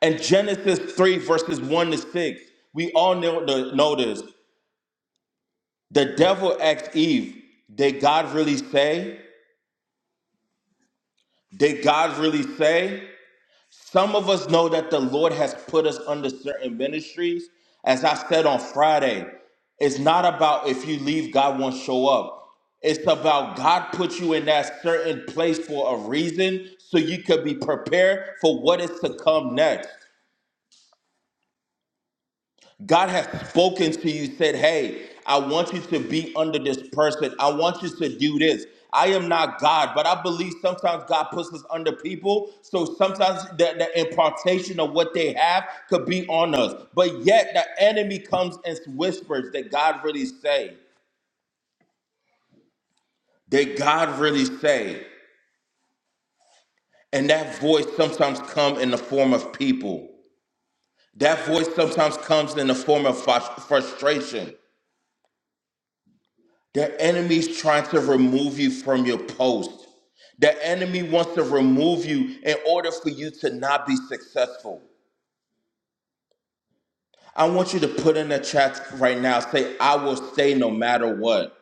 And Genesis 3, verses 1 to 6, we all know, the, know this. The devil asked Eve, Did God really say? Did God really say? Some of us know that the Lord has put us under certain ministries. As I said on Friday, it's not about if you leave, God won't show up. It's about God put you in that certain place for a reason so you could be prepared for what is to come next. God has spoken to you, said, Hey, I want you to be under this person. I want you to do this. I am not God, but I believe sometimes God puts us under people. So sometimes the, the impartation of what they have could be on us. But yet the enemy comes and whispers that God really say, that God really say. And that voice sometimes come in the form of people. That voice sometimes comes in the form of frus- frustration. The enemy's trying to remove you from your post. The enemy wants to remove you in order for you to not be successful. I want you to put in the chat right now say, I will stay no matter what.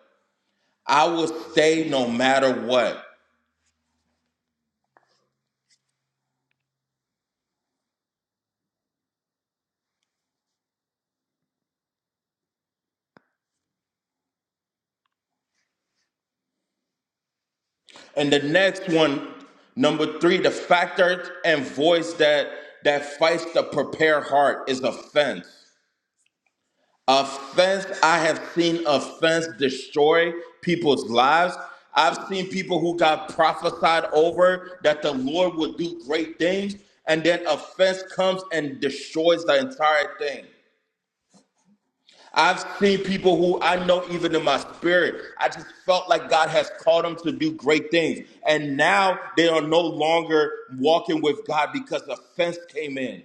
I will stay no matter what. And the next one, number three, the factor and voice that that fights the prepared heart is offense. Offense, I have seen offense destroy people's lives. I've seen people who got prophesied over that the Lord would do great things, and then offense comes and destroys the entire thing. I've seen people who I know even in my spirit, I just felt like God has called them to do great things. And now they are no longer walking with God because offense came in.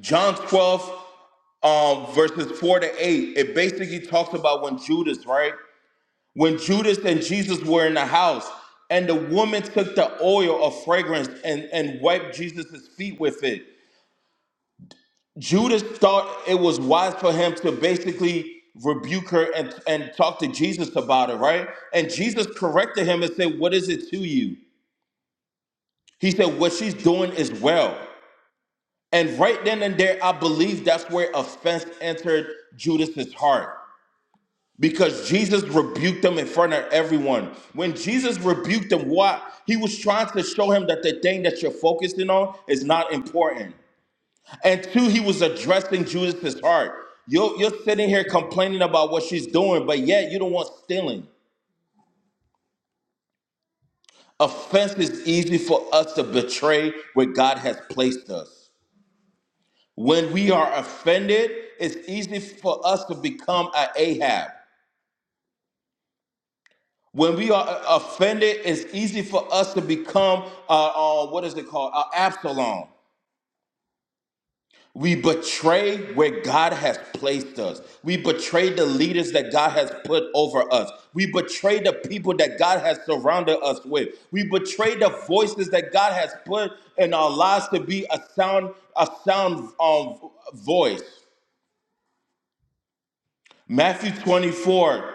John 12, um, verses 4 to 8, it basically talks about when Judas, right? When Judas and Jesus were in the house, and the woman took the oil of fragrance and, and wiped Jesus' feet with it. Judas thought it was wise for him to basically rebuke her and, and talk to Jesus about it, right? And Jesus corrected him and said, What is it to you? He said, What she's doing is well. And right then and there, I believe that's where offense entered Judas's heart because Jesus rebuked them in front of everyone. When Jesus rebuked them, what? He was trying to show him that the thing that you're focusing on is not important. And two, he was addressing Judas's heart. You're, you're sitting here complaining about what she's doing, but yet you don't want stealing. Offense is easy for us to betray where God has placed us. When we are offended, it's easy for us to become a Ahab. When we are uh, offended, it's easy for us to become, uh, uh, what is it called, uh, Absalom. We betray where God has placed us. We betray the leaders that God has put over us. We betray the people that God has surrounded us with. We betray the voices that God has put in our lives to be a sound, a sound um, voice. Matthew 24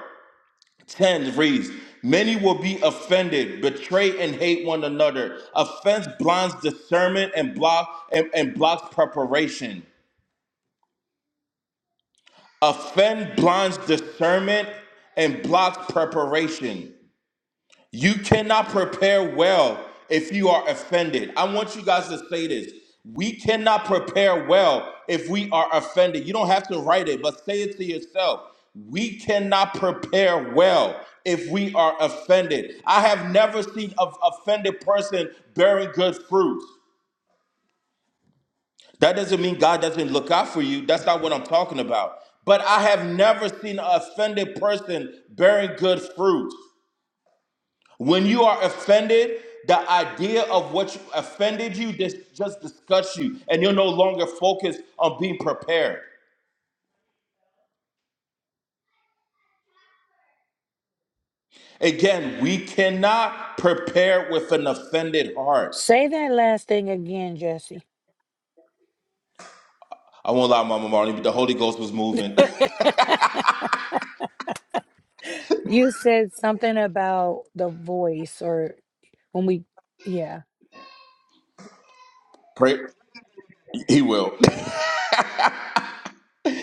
10 reads Many will be offended, betray, and hate one another. Offense blinds discernment and, block, and, and blocks preparation. Offend blinds discernment and blocks preparation. You cannot prepare well if you are offended. I want you guys to say this. We cannot prepare well if we are offended. You don't have to write it, but say it to yourself. We cannot prepare well if we are offended. I have never seen an offended person bearing good fruit. That doesn't mean God doesn't look out for you. That's not what I'm talking about. But I have never seen an offended person bearing good fruit. When you are offended, the idea of what you offended you dis- just disgusts you, and you're no longer focused on being prepared. Again, we cannot prepare with an offended heart. Say that last thing again, Jesse. I won't lie, Mama Marley, but the Holy Ghost was moving. you said something about the voice or when we, yeah. Pray, he will.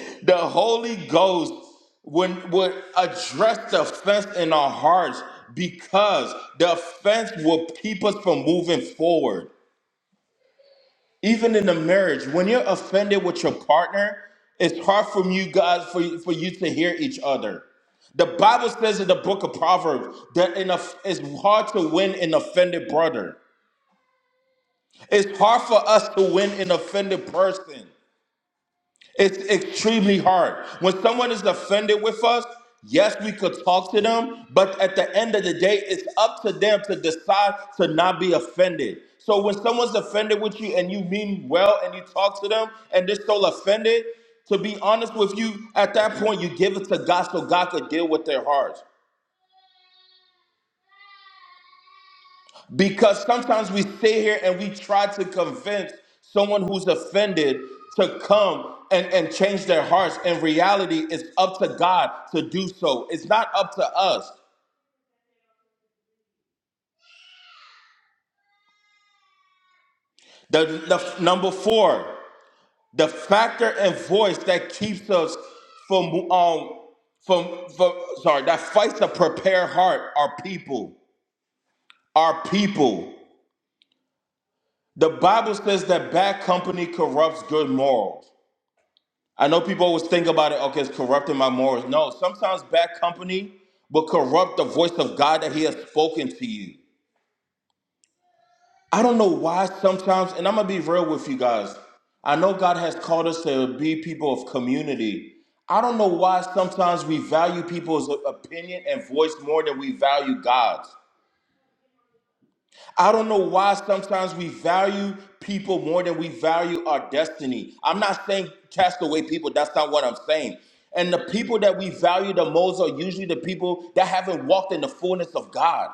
the Holy Ghost would, would address the offense in our hearts because the offense will keep us from moving forward. even in a marriage when you're offended with your partner it's hard for you guys for, for you to hear each other the bible says in the book of proverbs that in a, it's hard to win an offended brother it's hard for us to win an offended person it's extremely hard. When someone is offended with us, yes, we could talk to them, but at the end of the day, it's up to them to decide to not be offended. So when someone's offended with you and you mean well and you talk to them and they're still offended, to be honest with you, at that point, you give it to God so God could deal with their hearts. Because sometimes we stay here and we try to convince someone who's offended to come and, and change their hearts. In reality, it's up to God to do so. It's not up to us. The, the number four, the factor and voice that keeps us from um from, from sorry that fights a prepared heart are people. Our people. The Bible says that bad company corrupts good morals. I know people always think about it, okay, it's corrupting my morals. No, sometimes bad company will corrupt the voice of God that He has spoken to you. I don't know why sometimes, and I'm gonna be real with you guys. I know God has called us to be people of community. I don't know why sometimes we value people's opinion and voice more than we value God's. I don't know why sometimes we value people more than we value our destiny. I'm not saying cast away people, that's not what I'm saying. And the people that we value the most are usually the people that haven't walked in the fullness of God.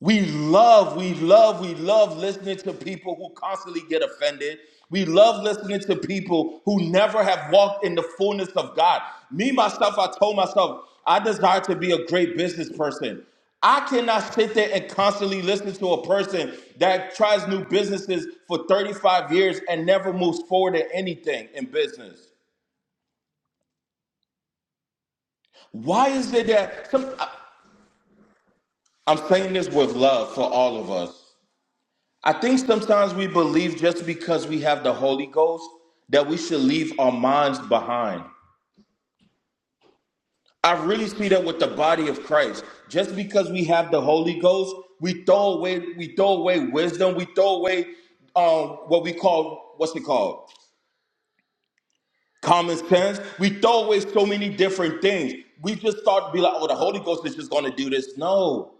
We love, we love, we love listening to people who constantly get offended. We love listening to people who never have walked in the fullness of God. Me, myself, I told myself, I desire to be a great business person. I cannot sit there and constantly listen to a person that tries new businesses for 35 years and never moves forward in anything in business. Why is it that some, I- I'm saying this with love for all of us? I think sometimes we believe just because we have the Holy Ghost that we should leave our minds behind. I really see that with the body of Christ. Just because we have the Holy Ghost, we throw away we throw away wisdom, we throw away um, what we call what's it called common sense. We throw away so many different things. We just start to be like, oh, the Holy Ghost is just going to do this. No,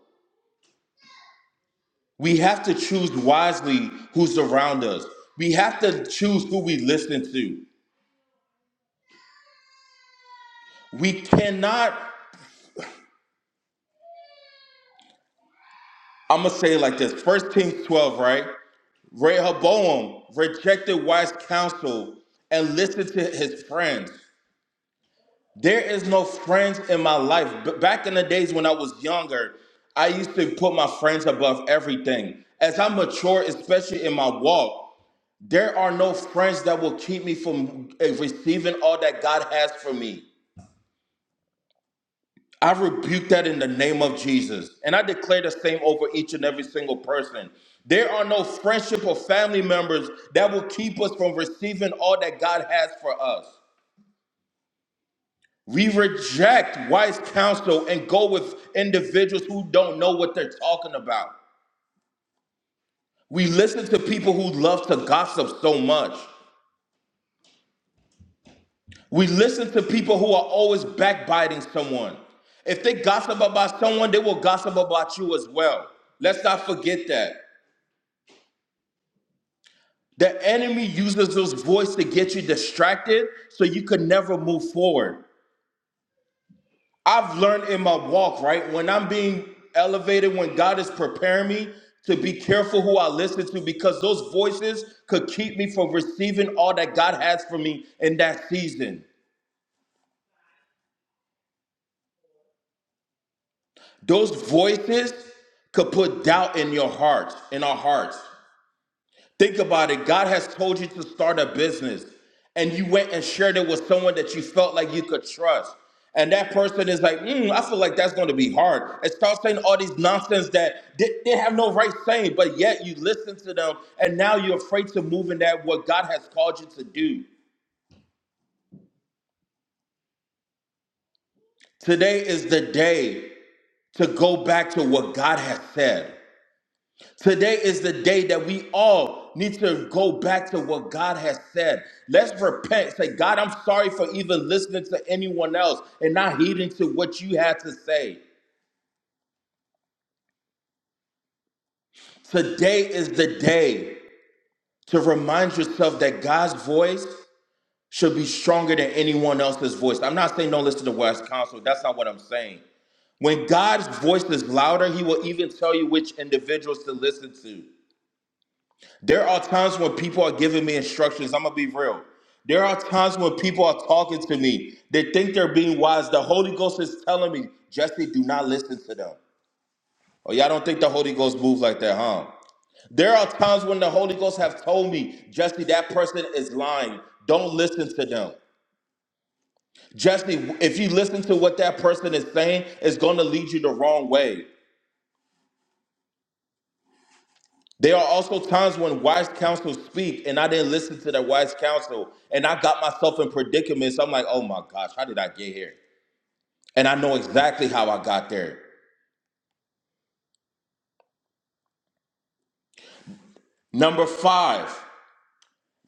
we have to choose wisely who's around us. We have to choose who we listen to. We cannot, I'm going to say it like this. First Kings 12, right? Rehoboam rejected wise counsel and listened to his friends. There is no friends in my life. B- back in the days when I was younger, I used to put my friends above everything. As I mature, especially in my walk, there are no friends that will keep me from eh, receiving all that God has for me. I rebuke that in the name of Jesus. And I declare the same over each and every single person. There are no friendship or family members that will keep us from receiving all that God has for us. We reject wise counsel and go with individuals who don't know what they're talking about. We listen to people who love to gossip so much. We listen to people who are always backbiting someone. If they gossip about someone, they will gossip about you as well. Let's not forget that. The enemy uses those voice to get you distracted so you could never move forward. I've learned in my walk, right? When I'm being elevated, when God is preparing me to be careful who I listen to because those voices could keep me from receiving all that God has for me in that season. Those voices could put doubt in your heart, in our hearts. Think about it. God has told you to start a business, and you went and shared it with someone that you felt like you could trust. And that person is like, mm, I feel like that's going to be hard. And start saying all these nonsense that they, they have no right saying, but yet you listen to them, and now you're afraid to move in that what God has called you to do. Today is the day to go back to what God has said. Today is the day that we all need to go back to what God has said. Let's repent. Say, God, I'm sorry for even listening to anyone else and not heeding to what you had to say. Today is the day to remind yourself that God's voice should be stronger than anyone else's voice. I'm not saying don't listen to West Council. That's not what I'm saying. When God's voice is louder, he will even tell you which individuals to listen to. There are times when people are giving me instructions. I'm gonna be real. There are times when people are talking to me. They think they're being wise. The Holy Ghost is telling me, Jesse, do not listen to them. Oh, y'all don't think the Holy Ghost moves like that, huh? There are times when the Holy Ghost have told me, Jesse, that person is lying. Don't listen to them. Jesse, if you listen to what that person is saying, it's gonna lead you the wrong way. There are also times when wise counsel speak, and I didn't listen to that wise counsel, and I got myself in predicaments. I'm like, oh my gosh, how did I get here? And I know exactly how I got there. Number five,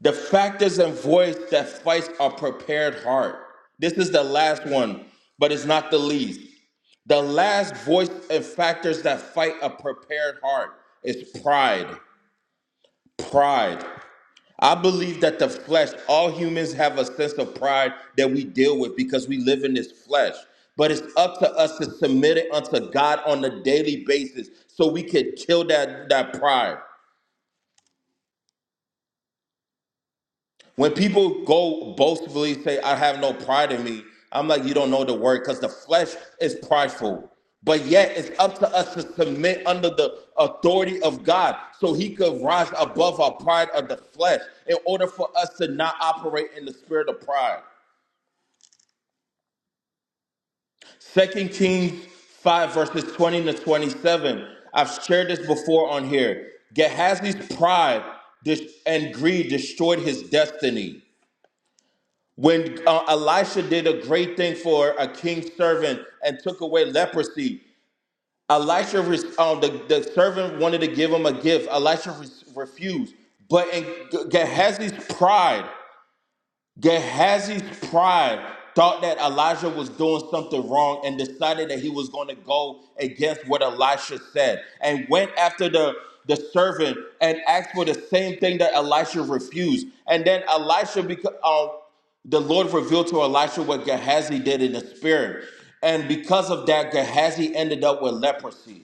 the factors and voice that fights a prepared heart. This is the last one, but it's not the least. The last voice and factors that fight a prepared heart is pride. Pride. I believe that the flesh, all humans have a sense of pride that we deal with because we live in this flesh. But it's up to us to submit it unto God on a daily basis so we can kill that, that pride. When people go boastfully say, I have no pride in me, I'm like, you don't know the word because the flesh is prideful. But yet, it's up to us to submit under the authority of God so He could rise above our pride of the flesh in order for us to not operate in the spirit of pride. Second Kings 5, verses 20 to 27. I've shared this before on here. Gehazi's pride dis- and greed destroyed his destiny. When uh, Elisha did a great thing for a king's servant and took away leprosy, Elisha, uh, the, the servant wanted to give him a gift. Elisha re- refused. But in Gehazi's pride, Gehazi's pride thought that Elijah was doing something wrong and decided that he was going to go against what Elisha said and went after the, the servant and asked for the same thing that Elisha refused. And then Elisha, because, uh, the Lord revealed to Elisha what Gehazi did in the spirit. And because of that, Gehazi ended up with leprosy.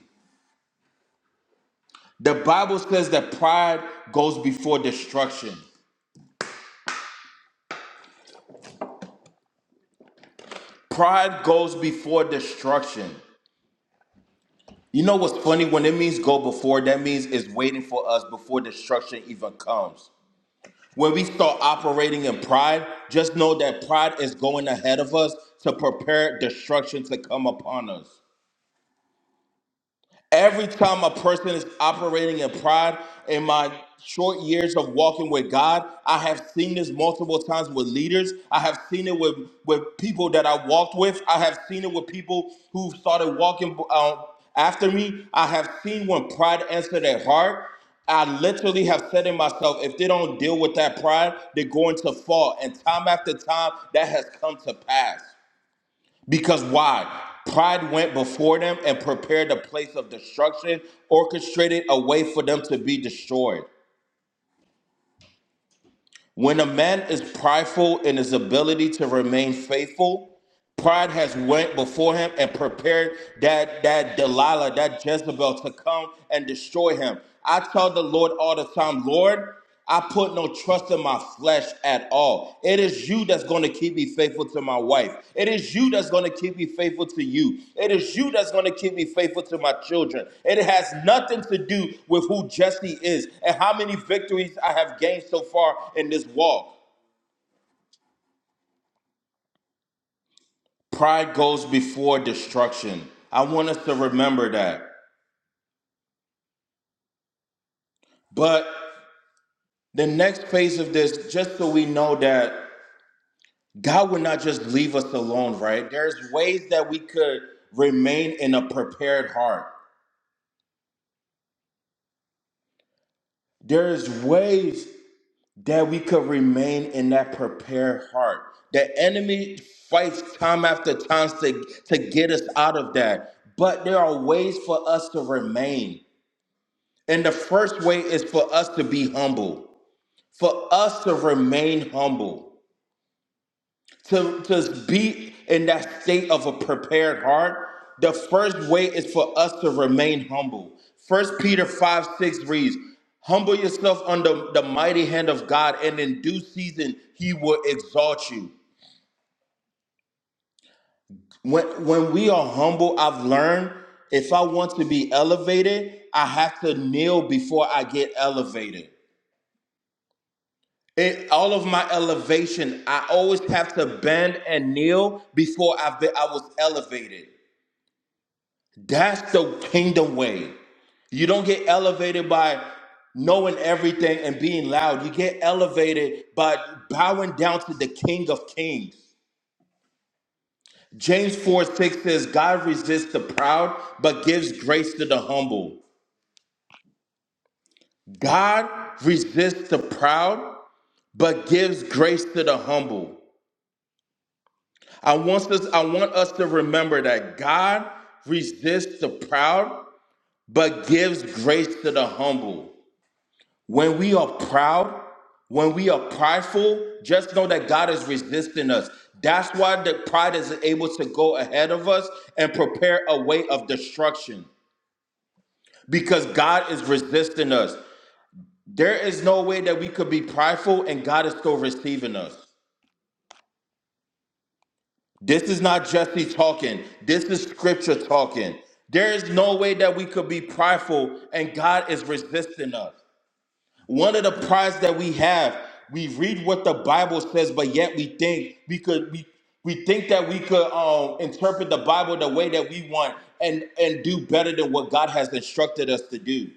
The Bible says that pride goes before destruction. Pride goes before destruction. You know what's funny? When it means go before, that means it's waiting for us before destruction even comes. When we start operating in pride, just know that pride is going ahead of us to prepare destruction to come upon us. Every time a person is operating in pride, in my short years of walking with God, I have seen this multiple times with leaders. I have seen it with, with people that I walked with. I have seen it with people who started walking uh, after me. I have seen when pride entered their heart. I literally have said to myself, if they don't deal with that pride, they're going to fall. And time after time, that has come to pass. Because why? Pride went before them and prepared a place of destruction, orchestrated a way for them to be destroyed. When a man is prideful in his ability to remain faithful, Pride has went before him and prepared that that Delilah, that Jezebel to come and destroy him. I tell the Lord all the time, Lord, I put no trust in my flesh at all. It is you that's going to keep me faithful to my wife. It is you that's going to keep me faithful to you. It is you that's going to keep me faithful to my children. It has nothing to do with who Jesse is and how many victories I have gained so far in this walk. Pride goes before destruction. I want us to remember that. But the next phase of this, just so we know that God would not just leave us alone, right? There's ways that we could remain in a prepared heart. There's ways that we could remain in that prepared heart. The enemy fights time after time to, to get us out of that. But there are ways for us to remain. And the first way is for us to be humble. for us to remain humble, to, to be in that state of a prepared heart, the first way is for us to remain humble. First Peter 5 6 reads, Humble yourself under the mighty hand of God, and in due season he will exalt you. When when we are humble, I've learned if I want to be elevated, I have to kneel before I get elevated. It, all of my elevation, I always have to bend and kneel before I've been, I was elevated. That's the kingdom way. You don't get elevated by knowing everything and being loud. You get elevated by bowing down to the King of Kings. James 4 6 says, God resists the proud, but gives grace to the humble. God resists the proud, but gives grace to the humble. I want us, I want us to remember that God resists the proud, but gives grace to the humble. When we are proud, when we are prideful, just know that God is resisting us. That's why the pride is able to go ahead of us and prepare a way of destruction because God is resisting us. There is no way that we could be prideful and God is still receiving us. This is not Jesse talking. This is scripture talking. There is no way that we could be prideful and God is resisting us. One of the prides that we have, we read what the Bible says, but yet we think we could we we think that we could um, interpret the Bible the way that we want and and do better than what God has instructed us to do.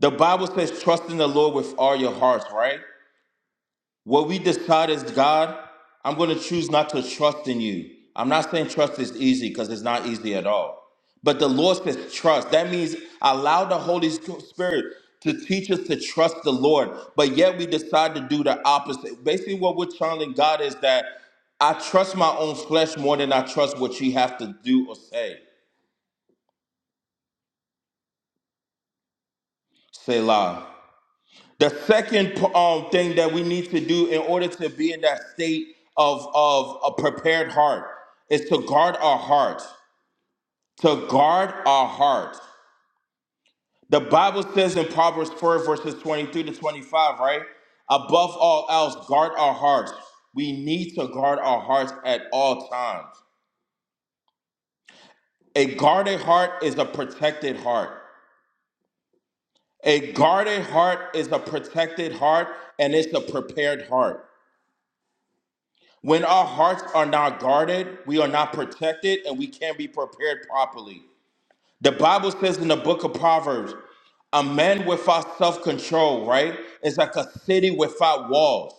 The Bible says trust in the Lord with all your hearts, right? What we decide is God, I'm going to choose not to trust in you. I'm not saying trust is easy because it's not easy at all. But the Lord says trust. That means allow the Holy Spirit to teach us to trust the Lord. But yet we decide to do the opposite. Basically, what we're telling God is that I trust my own flesh more than I trust what you have to do or say. Selah. The second um, thing that we need to do in order to be in that state of, of a prepared heart is to guard our heart. To guard our heart. The Bible says in Proverbs 4, verses 23 to 25, right? Above all else, guard our hearts. We need to guard our hearts at all times. A guarded heart is a protected heart. A guarded heart is a protected heart and it's a prepared heart. When our hearts are not guarded, we are not protected and we can't be prepared properly. The Bible says in the book of Proverbs, a man without self control, right, is like a city without walls.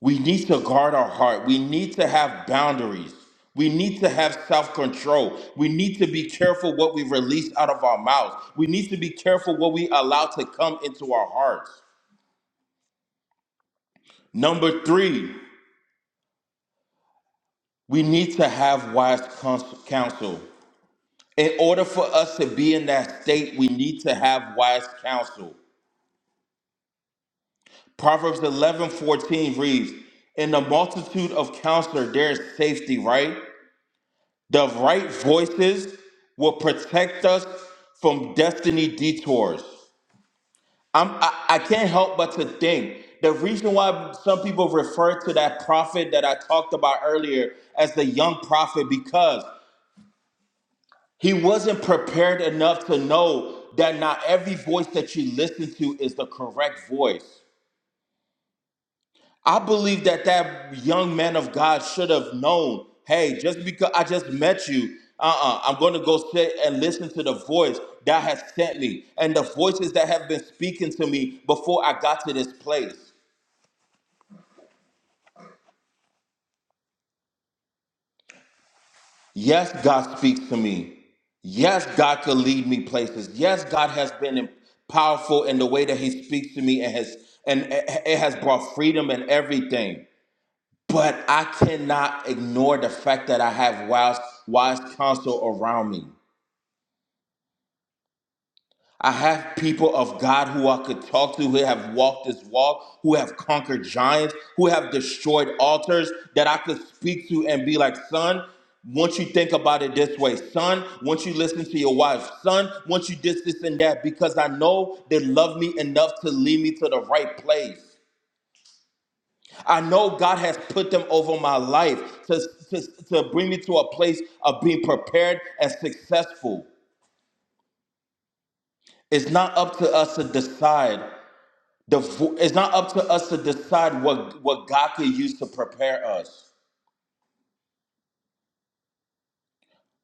We need to guard our heart. We need to have boundaries. We need to have self control. We need to be careful what we release out of our mouths. We need to be careful what we allow to come into our hearts. Number three, we need to have wise cons- counsel. In order for us to be in that state, we need to have wise counsel. Proverbs 11 14 reads, In the multitude of counselor, there is safety, right? The right voices will protect us from destiny detours. I'm, I, I can't help but to think the reason why some people refer to that prophet that I talked about earlier as the young prophet because He wasn't prepared enough to know that not every voice that you listen to is the correct voice. I believe that that young man of God should have known, hey, just because I just met you, uh-uh, I'm going to go sit and listen to the voice that has sent me and the voices that have been speaking to me before I got to this place. Yes, God speaks to me. Yes, God could lead me places. Yes, God has been powerful in the way that He speaks to me and has and it has brought freedom and everything. But I cannot ignore the fact that I have wise wise counsel around me. I have people of God who I could talk to who have walked this walk, who have conquered giants, who have destroyed altars that I could speak to and be like, son, once you think about it this way, son, once you listen to your wife, son, once you this, this, and that, because I know they love me enough to lead me to the right place. I know God has put them over my life to, to, to bring me to a place of being prepared and successful. It's not up to us to decide The, vo- it's not up to us to decide what, what God could use to prepare us.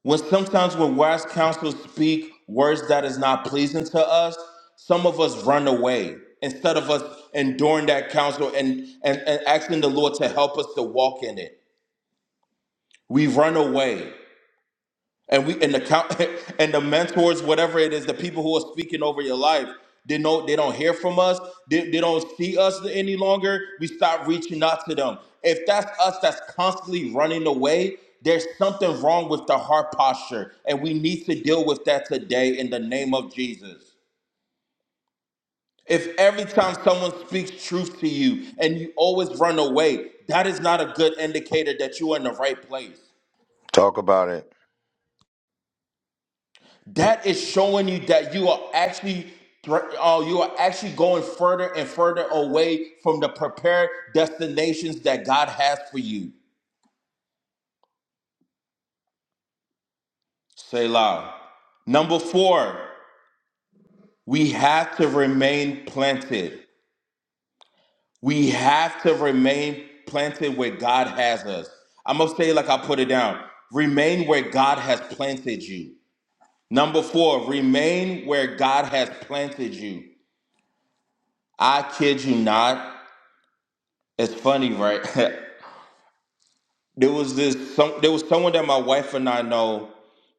When sometimes when wise counsel speak words that is not pleasing to us, some of us run away instead of us enduring that counsel and, and, and asking the Lord to help us to walk in it. We run away. and we and the count and the mentors, whatever it is, the people who are speaking over your life, they know they don't hear from us, they, they don't see us any longer. We stop reaching out to them. If that's us that's constantly running away, there's something wrong with the heart posture, and we need to deal with that today in the name of Jesus. If every time someone speaks truth to you and you always run away, that is not a good indicator that you are in the right place. that is showing you that you are actually uh, you are actually going further and further away from the prepared destinations that God has for you. Selah. Number four, we have to remain planted. We have to remain planted where God has us. I'm gonna say it like I put it down. Remain where God has planted you. Number four, remain where God has planted you. I kid you not. It's funny, right? There was this some there was someone that my wife and I know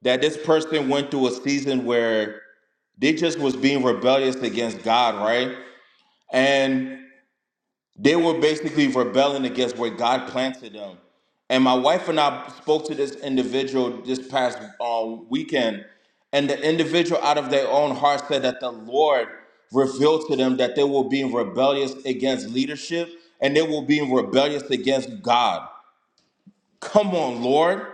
that this person went through a season where they just was being rebellious against God, right? And they were basically rebelling against where God planted them. And my wife and I spoke to this individual this past uh, weekend, and the individual out of their own heart said that the Lord revealed to them that they were being rebellious against leadership and they were being rebellious against God. Come on, Lord.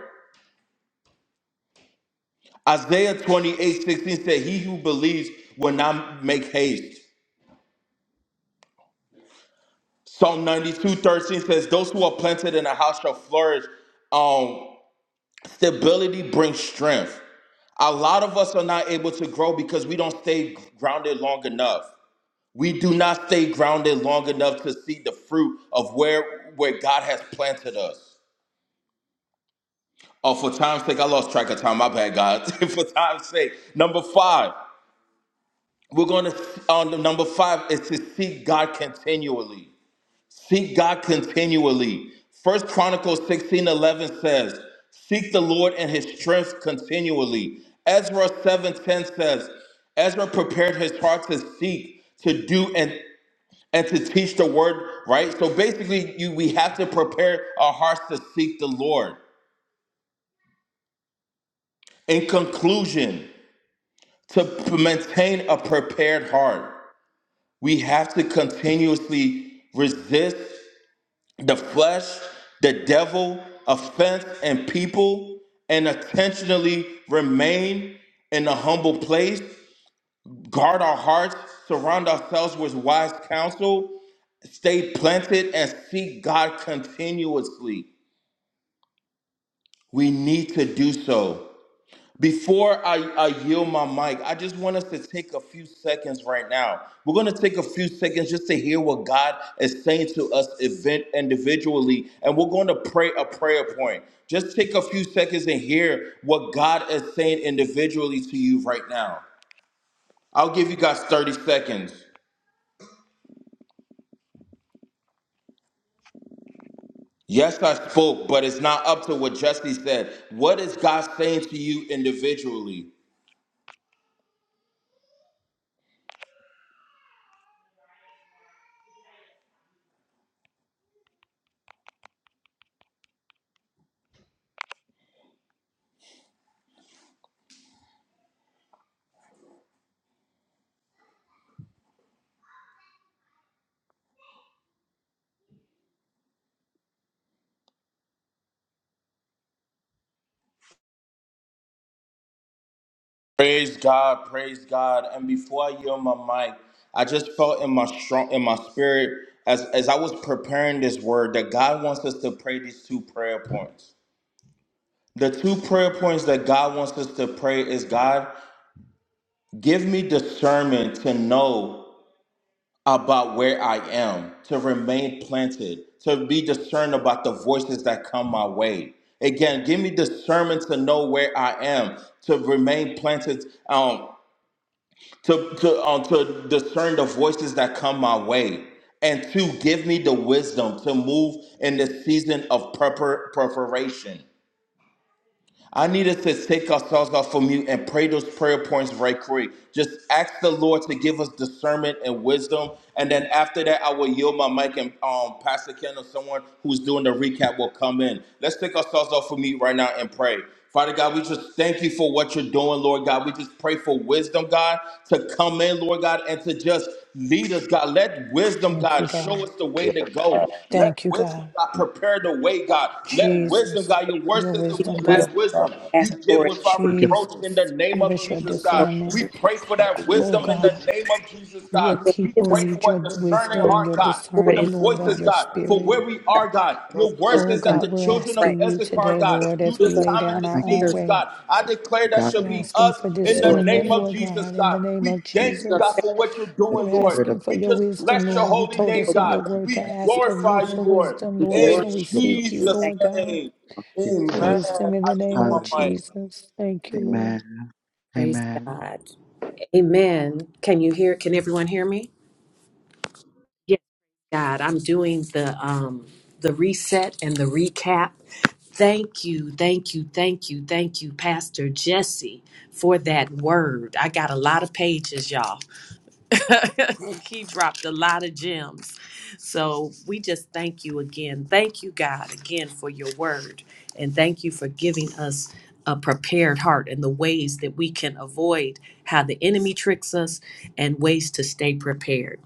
Isaiah 28:16 16 said, He who believes will not make haste. Psalm 92:13 says, Those who are planted in a house shall flourish. Um, stability brings strength. A lot of us are not able to grow because we don't stay grounded long enough. We do not stay grounded long enough to see the fruit of where, where God has planted us. Oh, for time's sake, I lost track of time. My bad, God. for time's sake. Number five. We're going to, on the number five, is to seek God continually. Seek God continually. First Chronicles 16 11 says, Seek the Lord and his strength continually. Ezra 7 10 says, Ezra prepared his heart to seek, to do, and and to teach the word, right? So basically, you we have to prepare our hearts to seek the Lord. In conclusion, to p- maintain a prepared heart. We have to continuously resist the flesh, the devil, offense, and people, and intentionally remain in a humble place, guard our hearts, surround ourselves with wise counsel, stay planted, and seek God continuously. We need to do so. Before I, I yield my mic, I just want us to take a few seconds right now. We're going to take a few seconds just to hear what God is saying to us event individually, and we're going to pray a prayer point. Just take a few seconds and hear what God is saying individually to you right now. I'll give you guys 30 seconds. Yes, I spoke, but it's not up to what Jesse said. What is God saying to you individually? Praise God, praise God. And before I yield my mic, I just felt in my strong in my spirit as, as I was preparing this word that God wants us to pray these two prayer points. The two prayer points that God wants us to pray is God, give me discernment to know about where I am, to remain planted, to be discerned about the voices that come my way. Again, give me discernment to know where I am, to remain planted. Um, to to um, to discern the voices that come my way and to give me the wisdom to move in the season of prepar- preparation I needed to take ourselves off from mute and pray those prayer points right quick. Just ask the Lord to give us discernment and wisdom. And then after that, I will yield my mic and um, Pastor Ken or someone who's doing the recap will come in. Let's take ourselves off from mute right now and pray. Father God, we just thank you for what you're doing, Lord God. We just pray for wisdom, God, to come in, Lord God, and to just Lead us, God. Let wisdom, Thank God, you, show God. us the way to go. Let Thank you, wisdom, God. God, prepare the way, God. Let wisdom, Jesus, God, your word your says that we wisdom, We just lack God. wisdom. ask You give for it. without Thank you, Forgive reproach Jesus, in the name give of us your Jesus, us, Lord. God. discernment. We Father. pray for that need Oh, to wisdom in God, the see name of Jesus, what your Forgive God. We give people I us, pray can need for your a do discerning with wisdom and your heart, God. God, for Lord, the discerning, and Lord, I of voices, your God, I for spirit. where pray. we to us, are, God. Lord, Your so word we Oh we says that thank God, the you we're children of pray. asking you Issachar, today, God, Lord, for knew the as Give the we us lay time and God. down the our Thank you own here, seasons, way. for God. I declare the that God shall We're that be don't asking have. us for Thank in you the for Lord, name discernment, guiding of Lord Jesus, God, in the God. name We of me. thank you, your So, God, Jesus. faith. for what you're of the doing, We're Lord. spirit of asking for We your just God, bless wisdom, your Lord. You holy I told name, us pray. in your God. that word We to I pray. ask of Spirit you glorify you, for Lord. and wisdom, We faith Lord. glorify So In and we look seek you, you. Jesus' Lord and God, name. love Jesus. for Amen. wisdom in I the name yield my of Hallelujah. mic. Jesus. Thank you, Lord. Amen. Praise Amen. God. Amen. Can you hear can everyone hear me? Yes, God. I'm doing the um the reset and the recap. Thank you, thank you, thank you, thank you, Pastor Jesse, for that word. I got a lot of pages, y'all. he dropped a lot of gems. So we just thank you again. Thank you, God, again for your word. And thank you for giving us a prepared heart and the ways that we can avoid how the enemy tricks us and ways to stay prepared.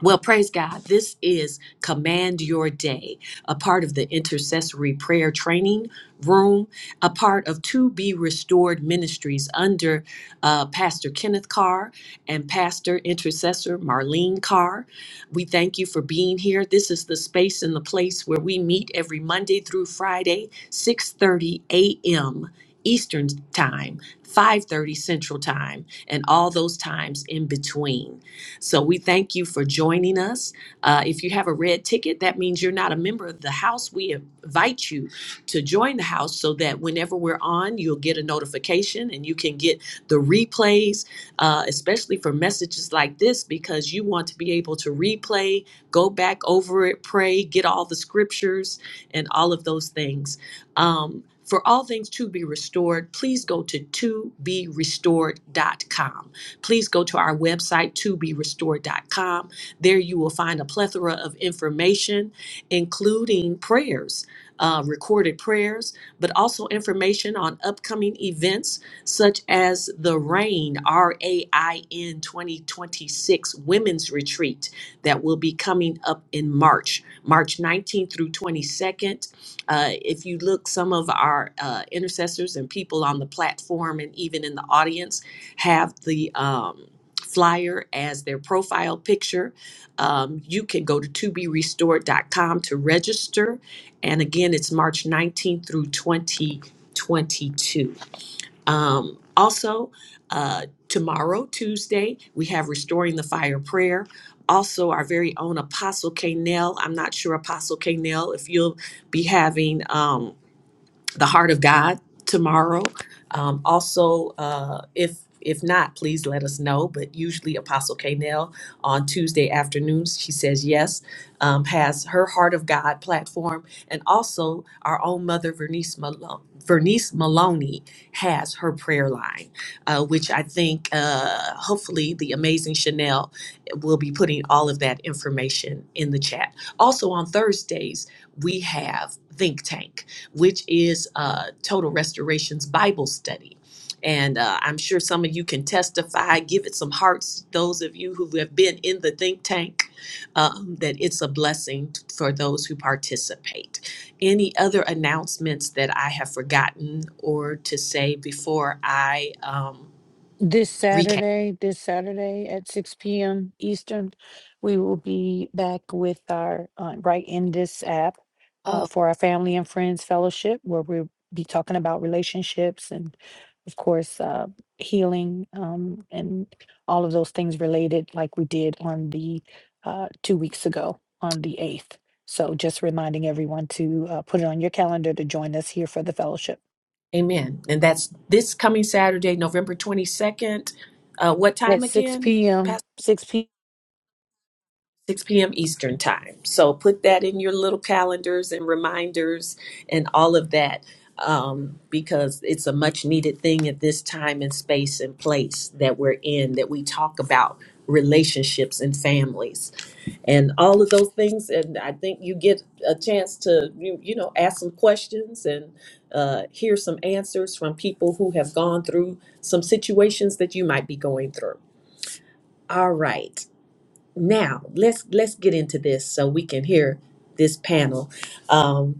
Well, praise God. This is Command Your Day, a part of the intercessory prayer training room, a part of To Be Restored Ministries under uh, Pastor Kenneth Carr and Pastor Intercessor Marlene Carr. We thank you for being here. This is the space and the place where we meet every Monday through Friday, 6:30 a.m. Eastern Time, 5:30 Central Time, and all those times in between. So we thank you for joining us. Uh, if you have a red ticket, that means you're not a member of the house. We invite you to join the house so that whenever we're on, you'll get a notification and you can get the replays, uh, especially for messages like this, because you want to be able to replay, go back over it, pray, get all the scriptures, and all of those things. Um, for all things to be restored, please go to to be restored dot com please go to our website, to be restored dot com. There you will find a plethora of information, including prayers, uh, recorded prayers, but also information on upcoming events such as the RAIN, R A I N 2026 Women's Retreat that will be coming up in March, March 19th through 22nd. Uh, if you look, some of our uh, intercessors and people on the platform and even in the audience, have the um, flyer as their profile picture. Um, you can go to to be restored. dot com to register. And again, it's March 19th through 2022. Um, also, uh, tomorrow, Tuesday, we have Restoring the Fire Prayer. Also, our very own Apostle K. Nell. I'm not sure, Apostle K. Nell, if you'll be having. Um, the heart of God tomorrow. Um, also, uh, if if not, please let us know. But usually, Apostle Kanell on Tuesday afternoons, she says yes, um, has her Heart of God platform, and also our own mother Vernice Malone. Vernice Maloney has her prayer line, uh, which I think uh, hopefully the amazing Chanel will be putting all of that information in the chat. Also on Thursdays, we have Think Tank which is uh, Total Restoration's Bible study. And uh, I'm sure some of you can testify, give it some hearts, those of you who have been in the think tank, um, that it's a blessing t- for those who participate. Any other announcements that I have forgotten or to say before I um, This recap? Saturday, this Saturday at six PM Eastern, we will be back with our, uh, right in this app, uh, Oh, for our family and friends fellowship, where we'll be talking about relationships and, of course, uh, healing, um, and all of those things related, like we did on the, uh, two weeks ago on the eighth. So just reminding everyone to, uh, put it on your calendar to join us here for the fellowship amen. And that's this coming Saturday, November 22nd. Uh, what at time six again, PM, six PM. 6 p.m. Eastern Time. So put that in your little calendars and reminders and all of that um, because it's a much needed thing at this time and space and place that we're in that we talk about relationships and families and all of those things. And I think you get a chance to, you, you know, ask some questions and uh, hear some answers from people who have gone through some situations that you might be going through. All right. Now let's let's get into this so we can hear this panel. Um,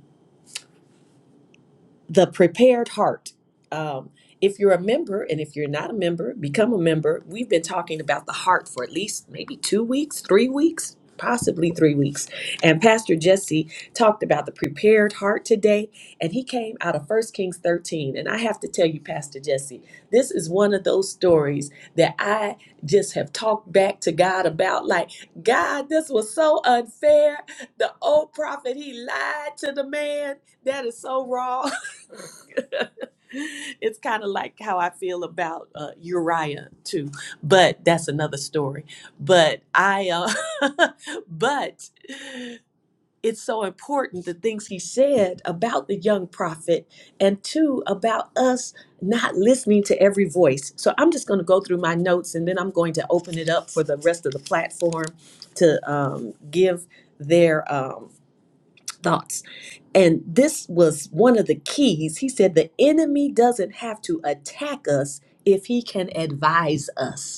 the prepared heart. Um, if you're a member, and if you're not a member, become a member. We've been talking about the heart for at least maybe two weeks, three weeks, possibly three weeks. And Pastor Jesse talked about the prepared heart today, and he came out of First Kings 13. And I have to tell you, Pastor Jesse, this is one of those stories that I just have talked back to God about. Like, God, this was so unfair. The old prophet, he lied to the man. That is so wrong. it's kind of like how I feel about uh, Uriah too, but that's another story. But I, uh, but it's so important the things he said about the young prophet, and two about us not listening to every voice. So I'm just going to go through my notes, and then I'm going to open it up for the rest of the platform to um, give their um, thoughts. And this was one of the keys. He said, The enemy doesn't have to attack us if he can advise us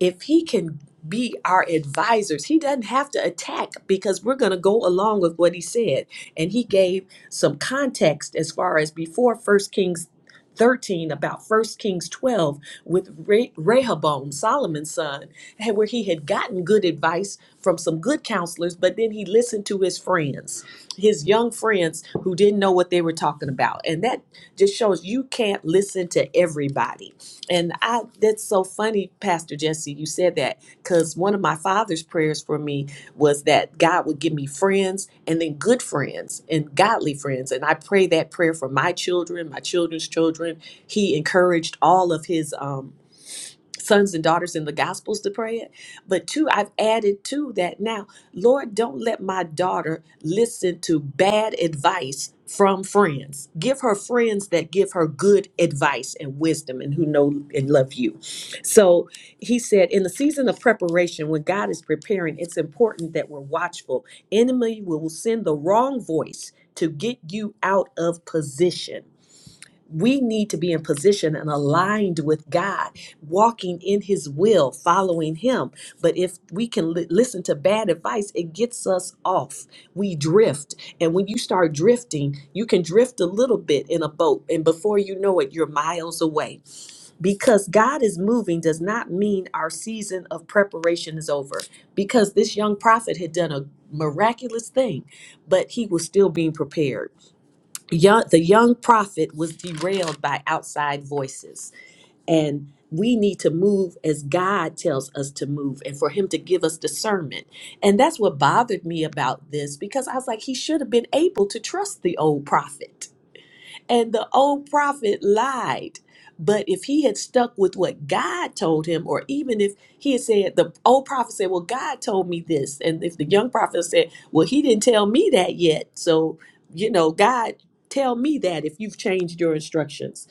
if he can be our advisors, he doesn't have to attack because we're going to go along with what he said. And he gave some context as far as before First Kings 13 about First Kings 12 with Re- Rehoboam, Solomon's son, and where he had gotten good advice from some good counselors, but then he listened to his friends, his young friends who didn't know what they were talking about. And that just shows you can't listen to everybody and I that's so funny, Pastor Jesse, you said that because one of my father's prayers for me was that God would give me friends and then good friends and godly friends. And I pray that prayer for my children, my children's children. He encouraged all of his um sons and daughters in the gospels to pray it but two i've added to that now lord don't let my daughter listen to bad advice from friends give her friends that give her good advice and wisdom and who know and love you so he said in the season of preparation when god is preparing it's important that we're watchful enemy will send the wrong voice to get you out of position we need to be in position and aligned with God, walking in His will, following Him. But if we can li- listen to bad advice, it gets us off. We drift. And when you start drifting, you can drift a little bit in a boat. And before you know it, you're miles away. Because God is moving does not mean our season of preparation is over. Because this young prophet had done a miraculous thing, but he was still being prepared young, the young prophet was derailed by outside voices and we need to move as god tells us to move and for him to give us discernment and that's what bothered me about this because i was like he should have been able to trust the old prophet and the old prophet lied. But if he had stuck with what God told him, or even if he had said, the old prophet said, Well, God told me this. And if the young prophet said, Well, he didn't tell me that yet. So, you know, God, tell me that if you've changed your instructions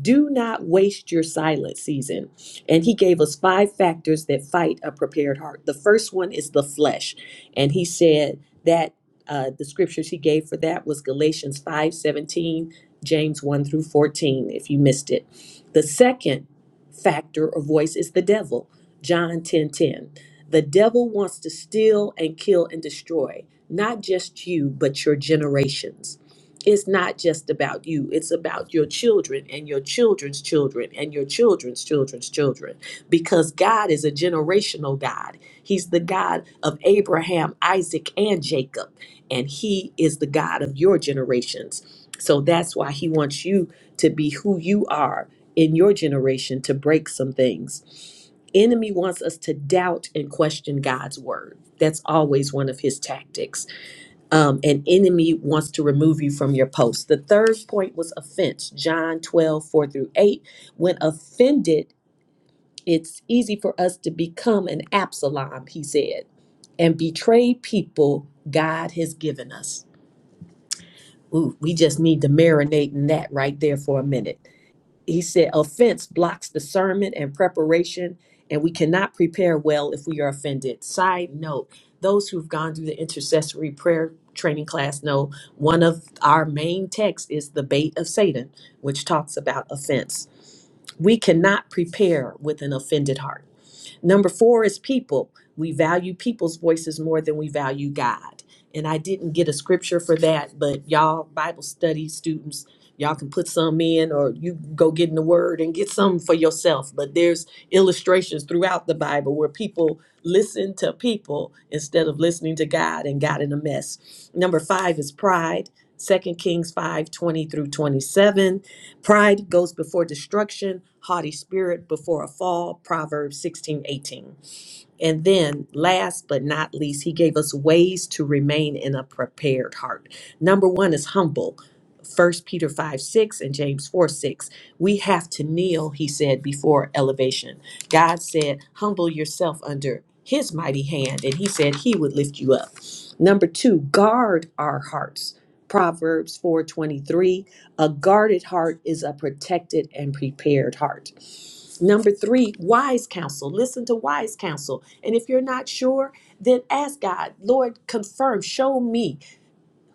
do not waste your silent season. And he gave us five factors that fight a prepared heart. The first one is the flesh. And he said that uh, the scriptures he gave for that was Galatians 5 17, James 1 through 14, if you missed it. The second factor or voice is the devil, John 10 10. The devil wants to steal and kill and destroy, not just you, but your generations it's not just about you it's about your children and your children's children and your children's children's children because god is a generational god he's the god of abraham isaac and jacob and he is the god of your generations so that's why he wants you to be who you are in your generation to break some things enemy wants us to doubt and question god's word that's always one of his tactics um, an enemy wants to remove you from your post. The third point was offense, John 12 4 through 8. When offended, it's easy for us to become an Absalom, he said, and betray people God has given us. Ooh, we just need to marinate in that right there for a minute he said offense blocks discernment and preparation and we cannot prepare well if we are offended side note those who've gone through the intercessory prayer training class know one of our main texts is the bait of satan which talks about offense we cannot prepare with an offended heart Number four is people. We value people's voices more than we value God. And I didn't get a scripture for that, but y'all, Bible study students, y'all can put some in or you go get in the word and get some for yourself. But there's illustrations throughout the Bible where people listen to people instead of listening to God and got in a mess. Number five is pride. Second Kings 5 20 through 27. Pride goes before destruction, haughty spirit before a fall, Proverbs 16 18. And then, last but not least, he gave us ways to remain in a prepared heart. Number one is humble. First Peter 5 6 and James 4 6. We have to kneel, he said, before elevation. God said, Humble yourself under his mighty hand, and he said he would lift you up. Number two, guard our hearts. Proverbs 4 23. A guarded heart is a protected and prepared heart. Number three, wise counsel. Listen to wise counsel. And if you're not sure, then ask God, Lord, confirm, show me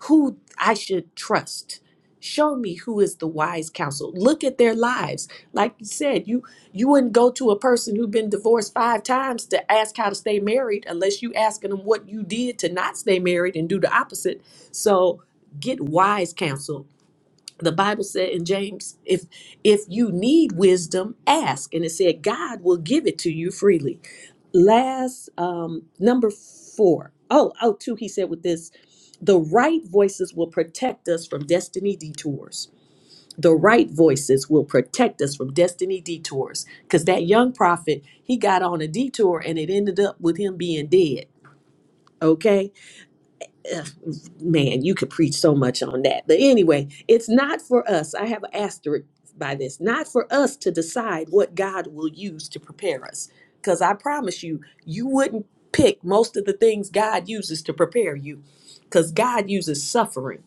who I should trust. Show me who is the wise counsel. Look at their lives. Like you said, you you wouldn't go to a person who'd been divorced five times to ask how to stay married unless you asking them what you did to not stay married and do the opposite. So get wise counsel the bible said in james if if you need wisdom ask and it said god will give it to you freely last um number four. Oh, oh, two he said with this the right voices will protect us from destiny detours the right voices will protect us from destiny detours because that young prophet he got on a detour and it ended up with him being dead okay man, you could preach so much on that. But anyway, it's not for us. I have an asterisk by this. Not for us to decide what God will use to prepare us. Because I promise you, you wouldn't pick most of the things God uses to prepare you. Because God uses suffering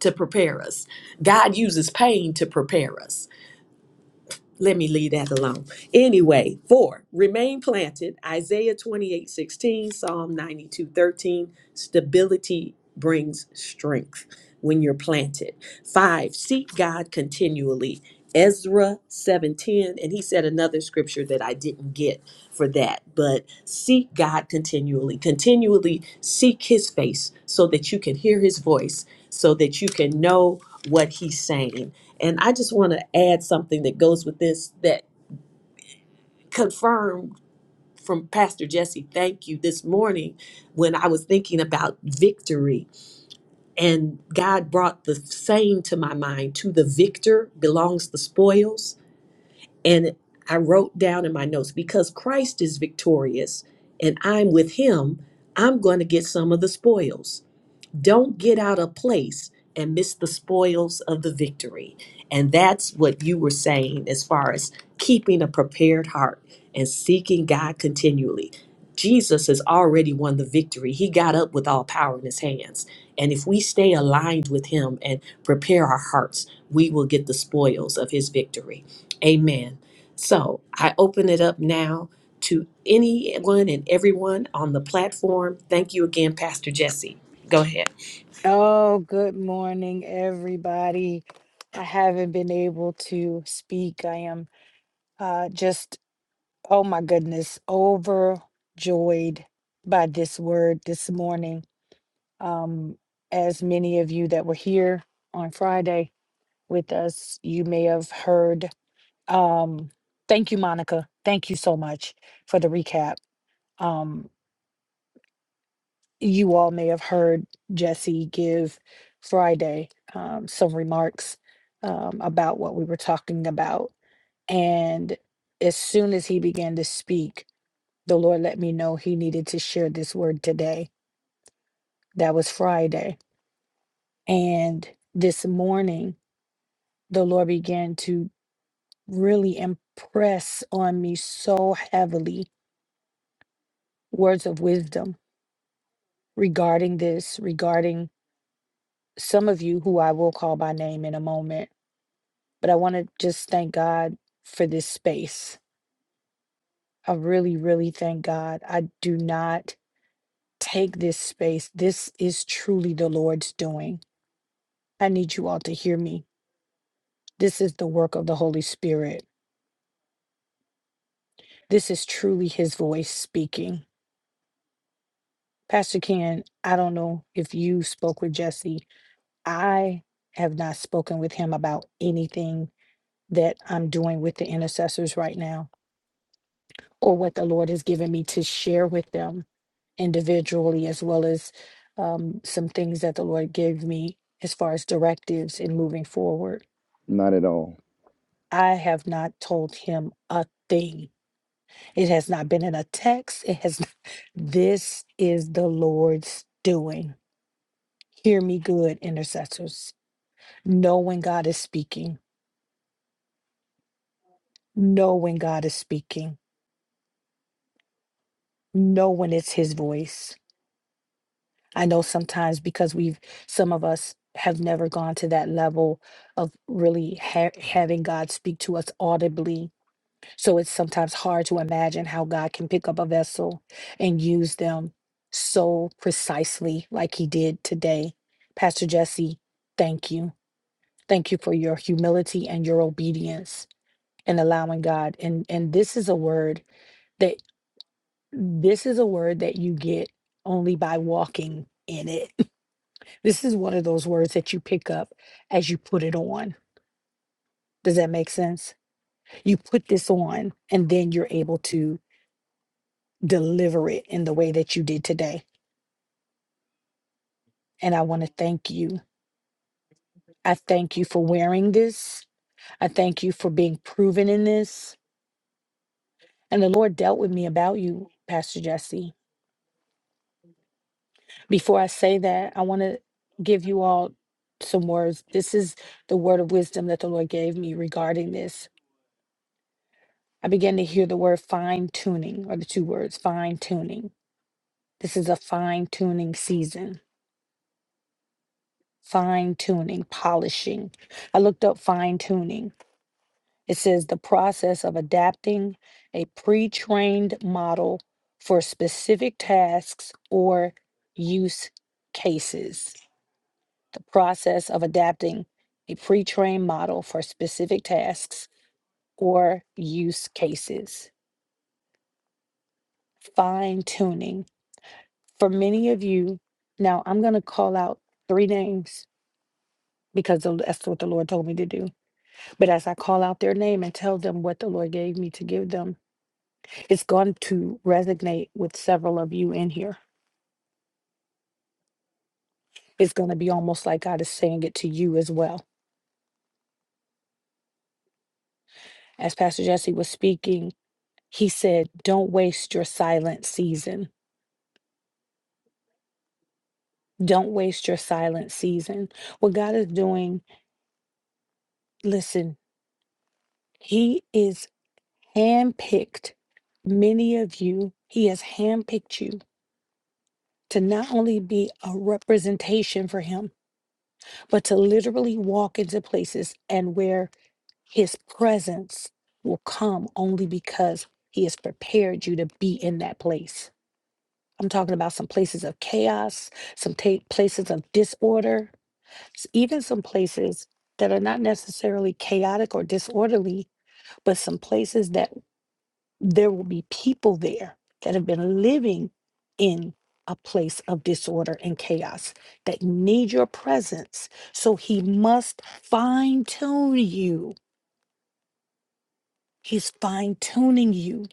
to prepare us, God uses pain to prepare us let me leave that alone. Anyway, four, remain planted. Isaiah 28 16, Psalm 92 13. Stability brings strength when you're planted. Five, seek God continually. Ezra 7:10 and he said another scripture that I didn't get for that but seek God continually continually seek his face so that you can hear his voice so that you can know what he's saying and I just want to add something that goes with this that confirmed from Pastor Jesse, thank you, this morning when I was thinking about victory. And God brought the saying to my mind to the victor belongs the spoils. And I wrote down in my notes because Christ is victorious and I'm with him, I'm going to get some of the spoils. Don't get out of place and miss the spoils of the victory. And that's what you were saying as far as keeping a prepared heart and seeking God continually. Jesus has already won the victory. He got up with all power in his hands. And if we stay aligned with him and prepare our hearts, we will get the spoils of his victory. Amen. So I open it up now to anyone and everyone on the platform. Thank you again, Pastor Jesse. Go ahead. Oh, good morning, everybody. I haven't been able to speak. I am uh, just, oh my goodness, overjoyed by this word this morning. Um, as many of you that were here on Friday with us, you may have heard. Um, thank you, Monica. Thank you so much for the recap. Um, you all may have heard Jesse give Friday um, some remarks um, about what we were talking about. And as soon as he began to speak, the Lord let me know he needed to share this word today. That was Friday. And this morning, the Lord began to really impress on me so heavily words of wisdom regarding this, regarding some of you who I will call by name in a moment but I want to just thank God for this space. I really, really thank God. I do not take this space. This is truly the Lord's doing. I need you all to hear me. This is the work of the Holy Spirit. This is truly His voice speaking. Pastor Ken, I don't know if you spoke with Jesse. I have not spoken with him about anything that I'm doing with the intercessors right now or what the Lord has given me to share with them individually, as well as um, some things that the Lord gave me as far as directives in moving forward. Not at all. I have not told him a thing. It has not been in a text. It has. Not, this is the Lord's doing. Hear me, good intercessors. Know when God is speaking. Know when God is speaking. Know when it's His voice I know sometimes because we've, some of us have never gone to that level of really ha- having God speak to us audibly. So it's sometimes hard to imagine how God can pick up a vessel and use them so precisely, like He did today. Pastor Jesse, thank you. Thank you for your humility and your obedience and allowing God. And and this is a word that this is a word that you get only by walking in it this is one of those words that you pick up as you put it on. Does that make sense? You put this on, and then you're able to deliver it in the way that you did today. And I want to thank you. I thank you for wearing this. I thank you for being proven in this. And the Lord dealt with me about you, Pastor Jesse. Before I say that, I want to give you all some words. This is the word of wisdom that the Lord gave me regarding this I began to hear the word fine tuning, or the two words fine tuning. This is a fine tuning season, fine tuning, polishing. I looked up fine tuning. It says the process of adapting a pre trained model for specific tasks or use cases. The process of adapting a pre trained model for specific tasks or use cases. Fine tuning. For many of you, now I'm going to call out three names because the- that's what the Lord told me to do. But as I call out their name and tell them what the Lord gave me to give them, it's going to resonate with several of you in here. It's going to be almost like God is saying it to you as well. As Pastor Jesse was speaking, he said, Don't waste your silent season. Don't waste your silent season. What God is doing, listen, He is handpicked many of you. He has handpicked you to not only be a representation for him, but to literally walk into places and where his presence will come only because he has prepared you to be in that place. I'm talking about some places of chaos, some ta- places of disorder, s- even some places that are not necessarily chaotic or disorderly, but some places that there will be people there that have been living in a place of disorder and chaos that need your presence. So he must fine tune you. He's fine tuning you.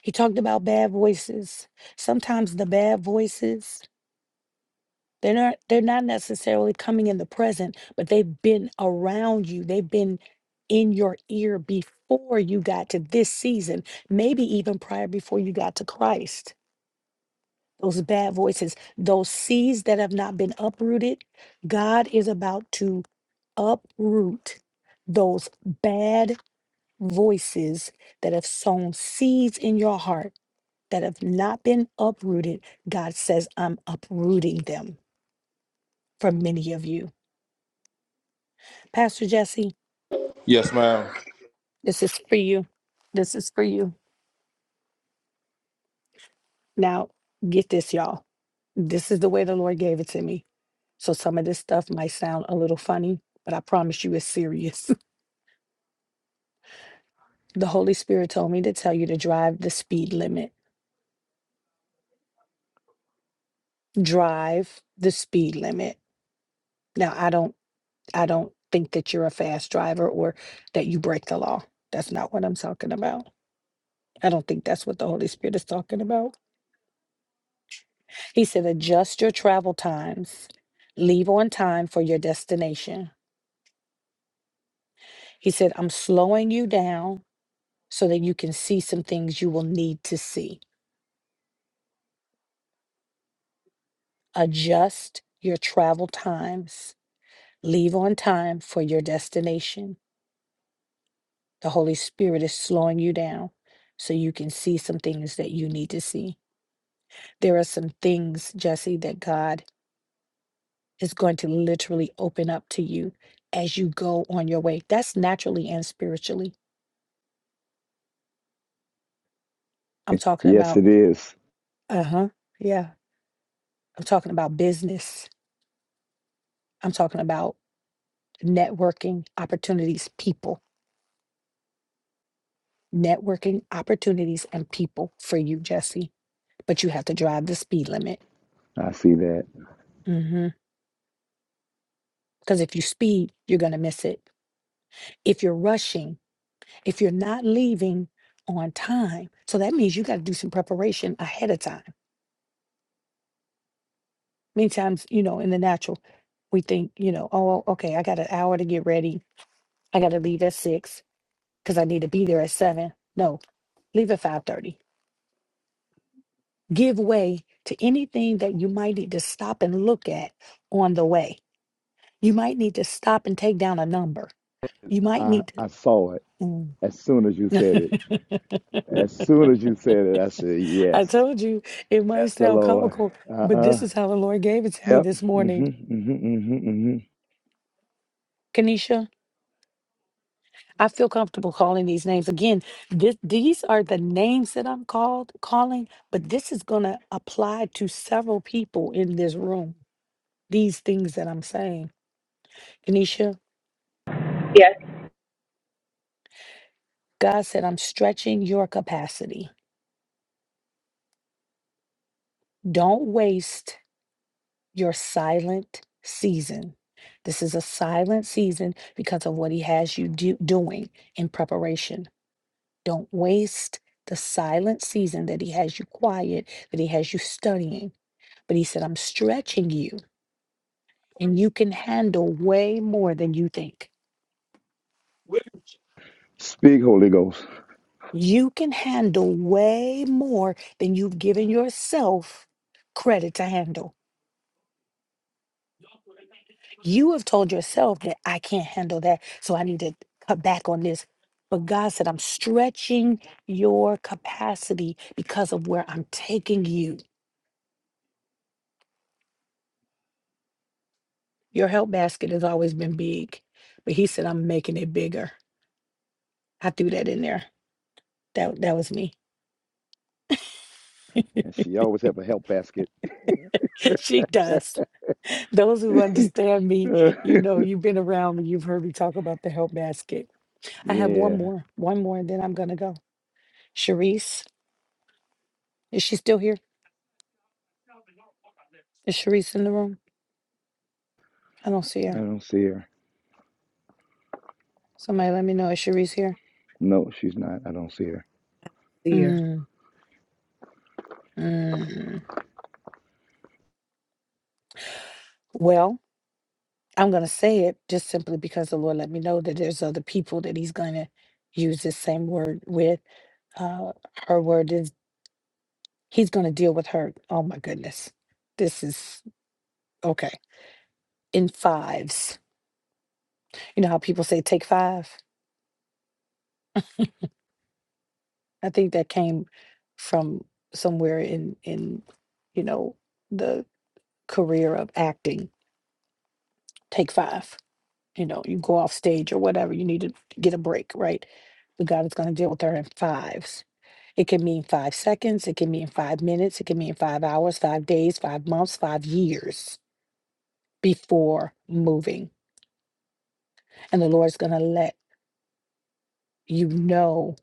He talked about bad voices. Sometimes the bad voices, they're not they're not necessarily coming in the present, but they've been around you. They've been in your ear before you got to this season, maybe even prior before you got to Christ those bad voices, those seeds that have not been uprooted. God is about to uproot those bad voices that have sown seeds in your heart that have not been uprooted. God says, I'm uprooting them for many of you. Pastor Jesse, Yes, ma'am. this is for you. This is for you. Now, get this, y'all. This is the way the Lord gave it to me. So some of this stuff might sound a little funny, but I promise you it's serious. The Holy Spirit told me to tell you to drive the speed limit. Drive the speed limit. Now, I don't I don't think that you're a fast driver or that you break the law. That's not what I'm talking about. I don't think that's what the Holy Spirit is talking about. He said adjust your travel times. Leave on time for your destination. He said I'm slowing you down so that you can see some things you will need to see. Adjust your travel times. Leave on time for your destination The Holy Spirit is slowing you down so you can see some things that you need to see. There are some things, Jesse, that God is going to literally open up to you as you go on your way. That's naturally and spiritually. I'm talking Yes, about, it is. uh huh, yeah. I'm talking about business. I'm talking about networking opportunities, people, networking opportunities and people for you, Jesse. But you have to drive the speed limit. Mm hmm. Because if you speed, you're going to miss it if you're rushing if you're not leaving on time. So that means you got to do some preparation ahead of time. Many times, you know, in the natural, we think, you know, oh, okay, I got an hour to get ready. I got to leave at six because I need to be there at seven. No, leave at five thirty. Give way to anything that you might need to stop and look at on the way. You might need to stop and take down a number. You might I, need I saw it to. as soon as you said Mm. it. As soon as you said it, I said, I yes, told you it might that's the sound Lord. comical, but this Uh-uh. is how the Lord gave it to me Yep. this hmm morning, hmm hmm hmm Kanisha. I feel comfortable calling these names. Again, this, these are the names that I'm called calling, but this is going to apply to several people in this room. These things that I'm saying, Denisha, God said, I'm stretching your capacity. Don't waste your silent season. This is a silent season because of what He has you do, doing in preparation. Don't waste the silent season that He has you quiet, that He has you studying But he said, I'm stretching you, and you can handle way more than you think. Speak, Holy Ghost. You can handle way more than you've given yourself credit to handle. You have told yourself that I can't handle that, so I need to cut back on this. But God said, I'm stretching your capacity because of where I'm taking you. Your help basket has always been big, but He said, I'm making it bigger. I threw that in there. That, that was me. And she always have a help basket she does. Those who understand me, Uh, you know, you've been around me, you've heard me talk about the help basket. I have yeah, one more, one more, and then I'm gonna go. Sharice, is she still here? Is Sharice in the room? I don't see I her. don't see her. Somebody let me know. Is Sharice here? No, she's not. I don't see her. year Mm, mm. Well, I'm gonna say it just simply because the Lord let me know that there's other people that He's gonna use this same word with. Uh, her word is He's gonna deal with her. Oh my goodness, this is okay in fives. You know how people say take five? I think that came from somewhere in in you know the career of acting. Take five. You know, you go off stage or whatever, you need to get a break, right? But God is going to deal with her in fives. It can mean five seconds, it can mean five minutes, it can mean five hours, five days, five months, five years before moving. And the Lord's going to let you know.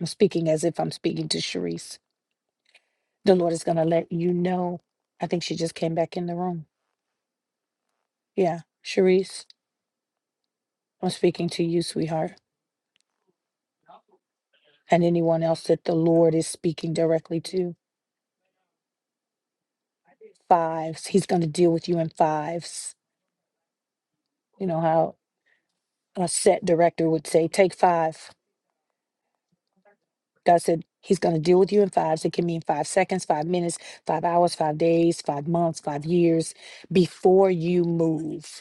I'm speaking as if I'm speaking to Sharice The Lord is going to let you know. I think she just came back in the room. Yeah. Sharice, I'm speaking to you, sweetheart, and anyone else that the Lord is speaking directly to. Fives. He's going to deal with you in fives. You know how a set director would say, take five. God said, He's going to deal with you in fives. It can mean five seconds, five minutes, five hours, five days, five months, five years before you move.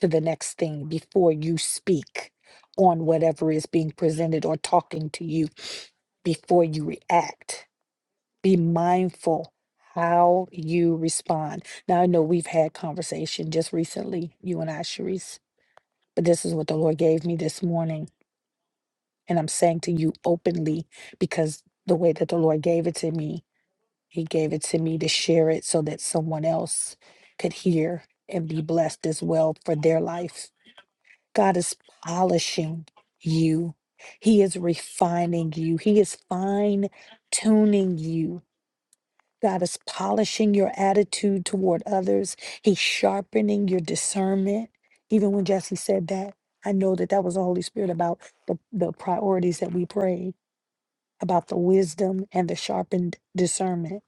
to the next thing before you speak on whatever is being presented or talking to you before you react. Be mindful how you respond. Now, I know we've had conversation just recently, you and I, Sharice, but this is what the Lord gave me this morning. And I'm saying to you openly because the way that the Lord gave it to me, He gave it to me to share it so that someone else could hear and be blessed as well for their life God is polishing you. He is refining you. He is fine tuning you. God is polishing your attitude toward others. He's sharpening your discernment. Even when Jesse said that, I know that that was the Holy Spirit about the, the priorities that we prayed, about the wisdom and the sharpened discernment.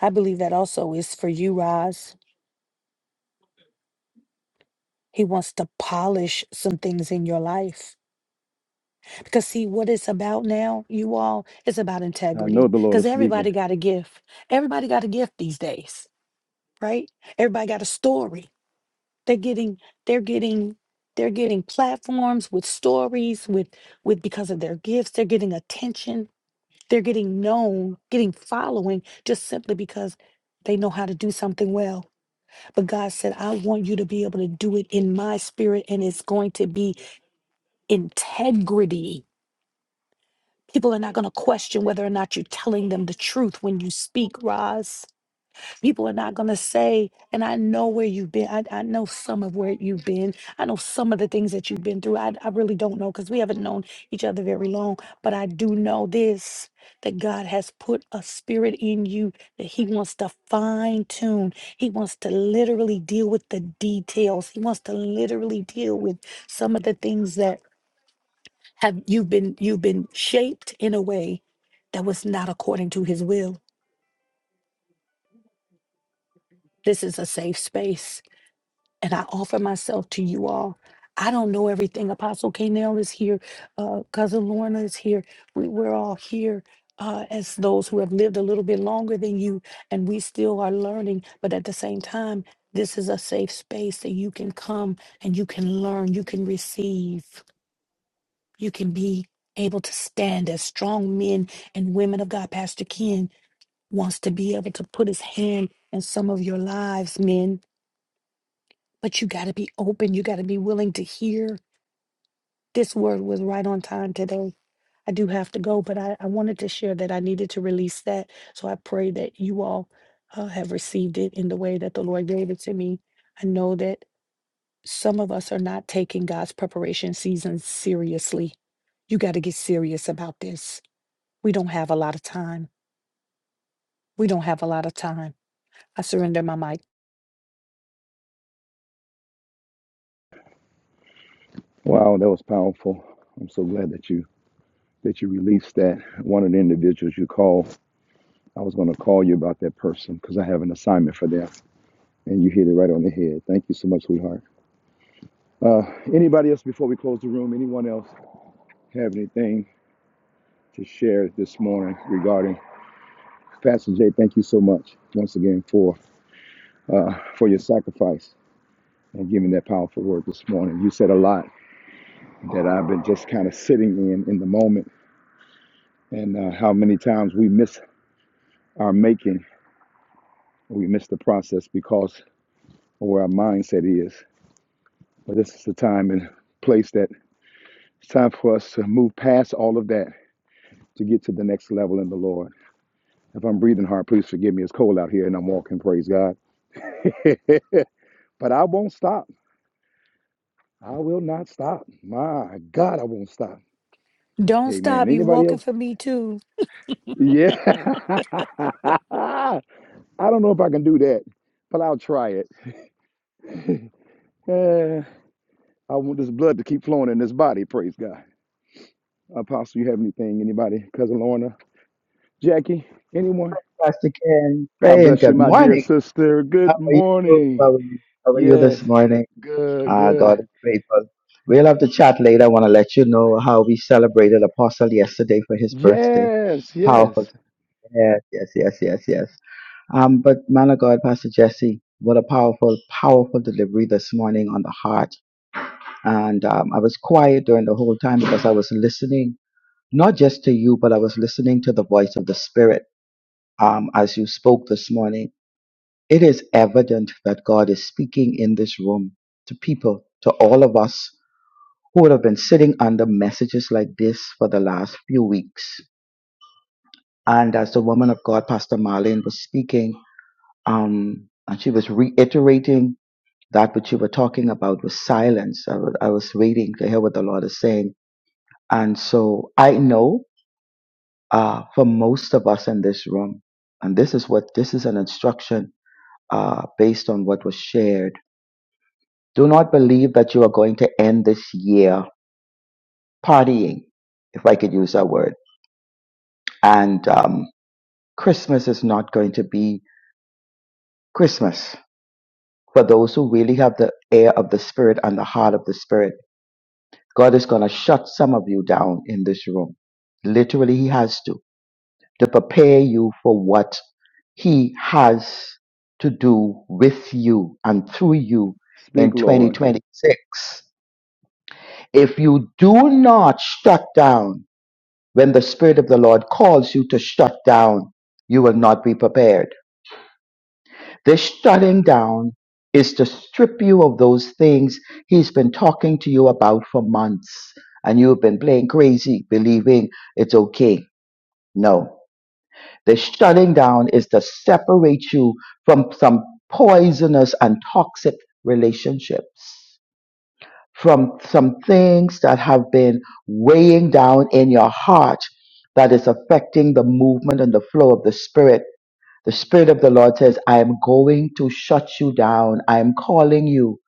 I believe that also is for you, Roz. He wants to polish some things in your life. Because see what it's about now, you all, it's about integrity. Because Yeah. everybody got a gift. Everybody got a gift these days, right? Everybody got a story. They're getting, they're getting, they're getting platforms with stories, with with because of their gifts, they're getting attention, they're getting known, getting following just simply because they know how to do something well. But God said, I want you to be able to do it in my spirit, and it's going to be integrity People are not going to question whether or not you're telling them the truth when you speak, Roz. People are not going to say, and I know where you've been. I, I know some of where you've been. I know some of the things that you've been through. I, I really don't know because we haven't known each other very long, but I do know this that God has put a spirit in you that He wants to fine tune. He wants to literally deal with the details. He wants to literally deal with some of the things that have you've been you've been shaped in a way that was not according to his will this is a safe space and i offer myself to you all i don't know everything apostle k is here uh, cousin lorna is here we, we're all here uh, as those who have lived a little bit longer than you and we still are learning but at the same time this is a safe space that you can come and you can learn you can receive you can be able to stand as strong men and women of God. Pastor Ken wants to be able to put his hand in some of your lives, men, but you got to be open. You got to be willing to hear. This word was right on time today. I do have to go, but I, I wanted to share that I needed to release that. So I pray that you all uh, have received it in the way that the Lord gave it to me. I know that some of us are not taking God's preparation season seriously. You got to get serious about this We don't have a lot of time. We don't have a lot of time. I surrender my mic. Wow, that was powerful. I'm so glad that you that you released that. One of the individuals you called, I was going to call you about that person because I have an assignment for them, and you hit it right on the head. Thank you so much, sweetheart. Uh, anybody else before we close the room? Anyone else have anything to share this morning regarding Pastor Jay? Thank you so much once again for uh, for your sacrifice and giving that powerful word this morning. You said a lot that I've been just kind of sitting in in the moment, and uh, how many times we miss our making, we miss the process because of where our mindset is. But this is the time and place that it's time for us to move past all of that to get to the next level in the Lord. If I'm breathing hard, please forgive me. It's cold out here and I'm walking, praise God. but I won't stop. I will not stop. My God, I won't stop. Don't Amen. stop. You Anybody walking else? for me too. Yeah. I don't know if I can do that, but I'll try it. Eh, I want this blood to keep flowing in this body. Praise God. Apostle, you have anything? Anybody? Cousin Lorna? Jackie? Anyone? Pastor Ken, God pray and bless you, good my dear morning. sister. How Good are you? morning. How are you? How are you Yes. this morning? Good, Uh, God good. is faithful. We'll have to chat later. I want to let you know how we celebrated Apostle yesterday for his birthday. Yes, Powerful. yes. Yes, yes, yes, yes, yes. Um, but man of God, Pastor Jesse, what a powerful, powerful delivery this morning on the heart. And um, I was quiet during the whole time because I was listening, not just to you, but I was listening to the voice of the Spirit um, as you spoke this morning. It is evident that God is speaking in this room to people, to all of us who would have been sitting under messages like this for the last few weeks. And as the woman of God, Pastor Marlene, was speaking, um, and she was reiterating that which you were talking about was silence. I wa- I was waiting to hear what the Lord is saying. And so I know uh, for most of us in this room, and this is what this is an instruction uh, based on what was shared. Do not believe that you are going to end this year partying, if I could use that word. And um, Christmas is not going to be Christmas for those who really have the air of the Spirit and the heart of the Spirit. God is going to shut some of you down in this room. Literally, He has to, to prepare you for what He has to do with you and through you in Speak, Lord. 2026. If you do not shut down when the Spirit of the Lord calls you to shut down, you will not be prepared This shutting down is to strip you of those things he's been talking to you about for months and you've been playing crazy, believing it's okay. No. The shutting down is to separate you from some poisonous and toxic relationships, from some things that have been weighing down in your heart that is affecting the movement and the flow of the spirit the Spirit of the Lord says, I am going to shut you down. I am calling you.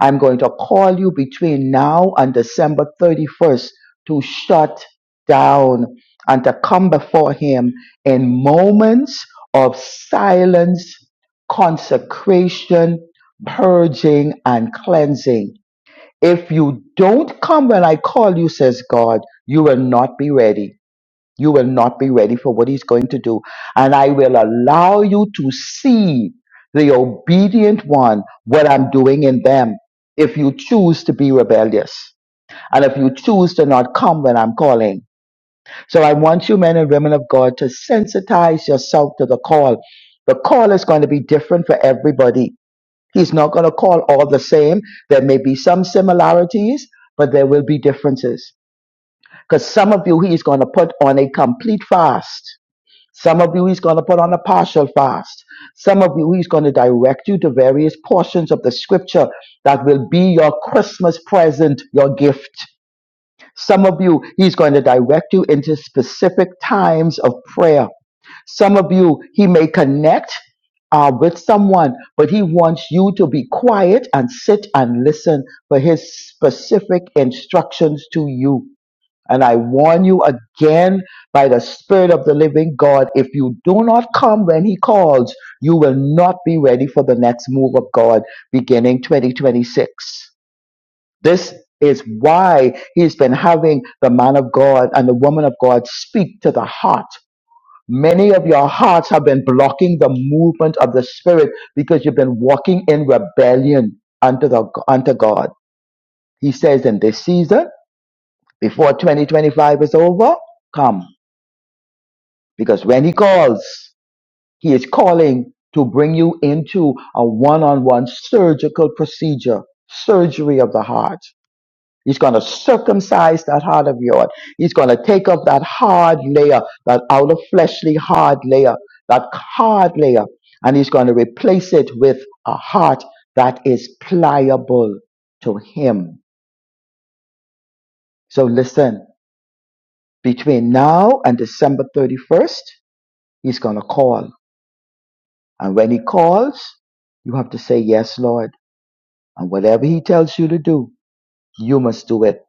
I'm going to call you between now and December 31st to shut down and to come before Him in moments of silence, consecration, purging, and cleansing. If you don't come when I call you, says God, you will not be ready. You will not be ready for what he's going to do. And I will allow you to see the obedient one, what I'm doing in them, if you choose to be rebellious and if you choose to not come when I'm calling. So I want you, men and women of God, to sensitize yourself to the call. The call is going to be different for everybody. He's not going to call all the same. There may be some similarities, but there will be differences. Because some of you, he's going to put on a complete fast. Some of you he's going to put on a partial fast. Some of you he's going to direct you to various portions of the scripture that will be your Christmas present, your gift. Some of you he's going to direct you into specific times of prayer. Some of you he may connect uh, with someone, but he wants you to be quiet and sit and listen for his specific instructions to you. And I warn you again by the Spirit of the living God if you do not come when He calls, you will not be ready for the next move of God beginning 2026. This is why He's been having the man of God and the woman of God speak to the heart. Many of your hearts have been blocking the movement of the Spirit because you've been walking in rebellion unto, the, unto God. He says in this season, before 2025 is over, come. Because when he calls, he is calling to bring you into a one on one surgical procedure, surgery of the heart. He's going to circumcise that heart of yours. He's going to take off that hard layer, that outer fleshly hard layer, that hard layer, and he's going to replace it with a heart that is pliable to him. So listen, between now and December 31st, he's going to call. And when he calls, you have to say, Yes, Lord. And whatever he tells you to do, you must do it.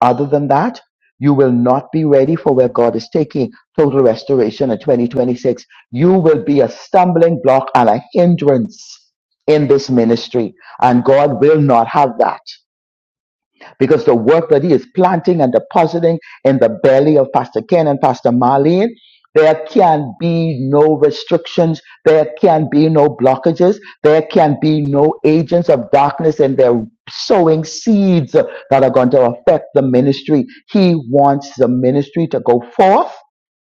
Other than that, you will not be ready for where God is taking total restoration in 2026. You will be a stumbling block and a hindrance in this ministry. And God will not have that because the work that he is planting and depositing in the belly of Pastor Ken and Pastor Marlene, there can be no restrictions. There can be no blockages. There can be no agents of darkness and they're sowing seeds that are going to affect the ministry. He wants the ministry to go forth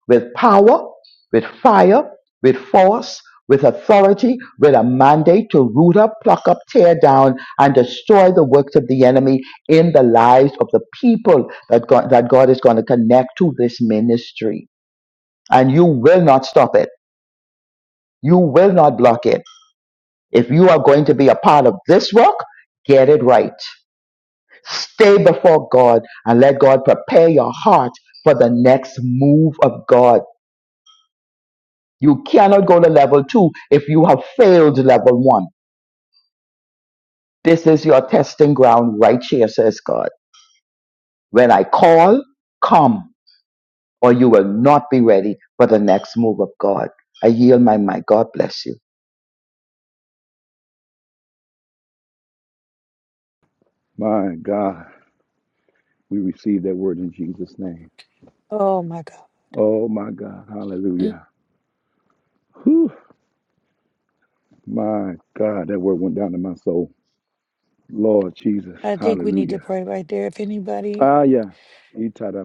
with power, with fire, with force, with authority, with a mandate to root up, pluck up, tear down, and destroy the works of the enemy in the lives of the people that God, that God is going to connect to this ministry. And you will not stop it. You will not block it. If you are going to be a part of this work, get it right. Stay before God and let God prepare your heart for the next move of God You cannot go to level two if you have failed level one. This is your testing ground right here, says God. When I call, come, or you will not be ready for the next move of God. I yield my mind. God bless you. My God. We receive that word in Jesus' name. Oh my God. Oh, my God. Mm. Hallelujah. Whew. My God. That word went down to my soul. Lord Jesus. I think we need to Hallelujah. pray right there. If anybody, Ah, yeah.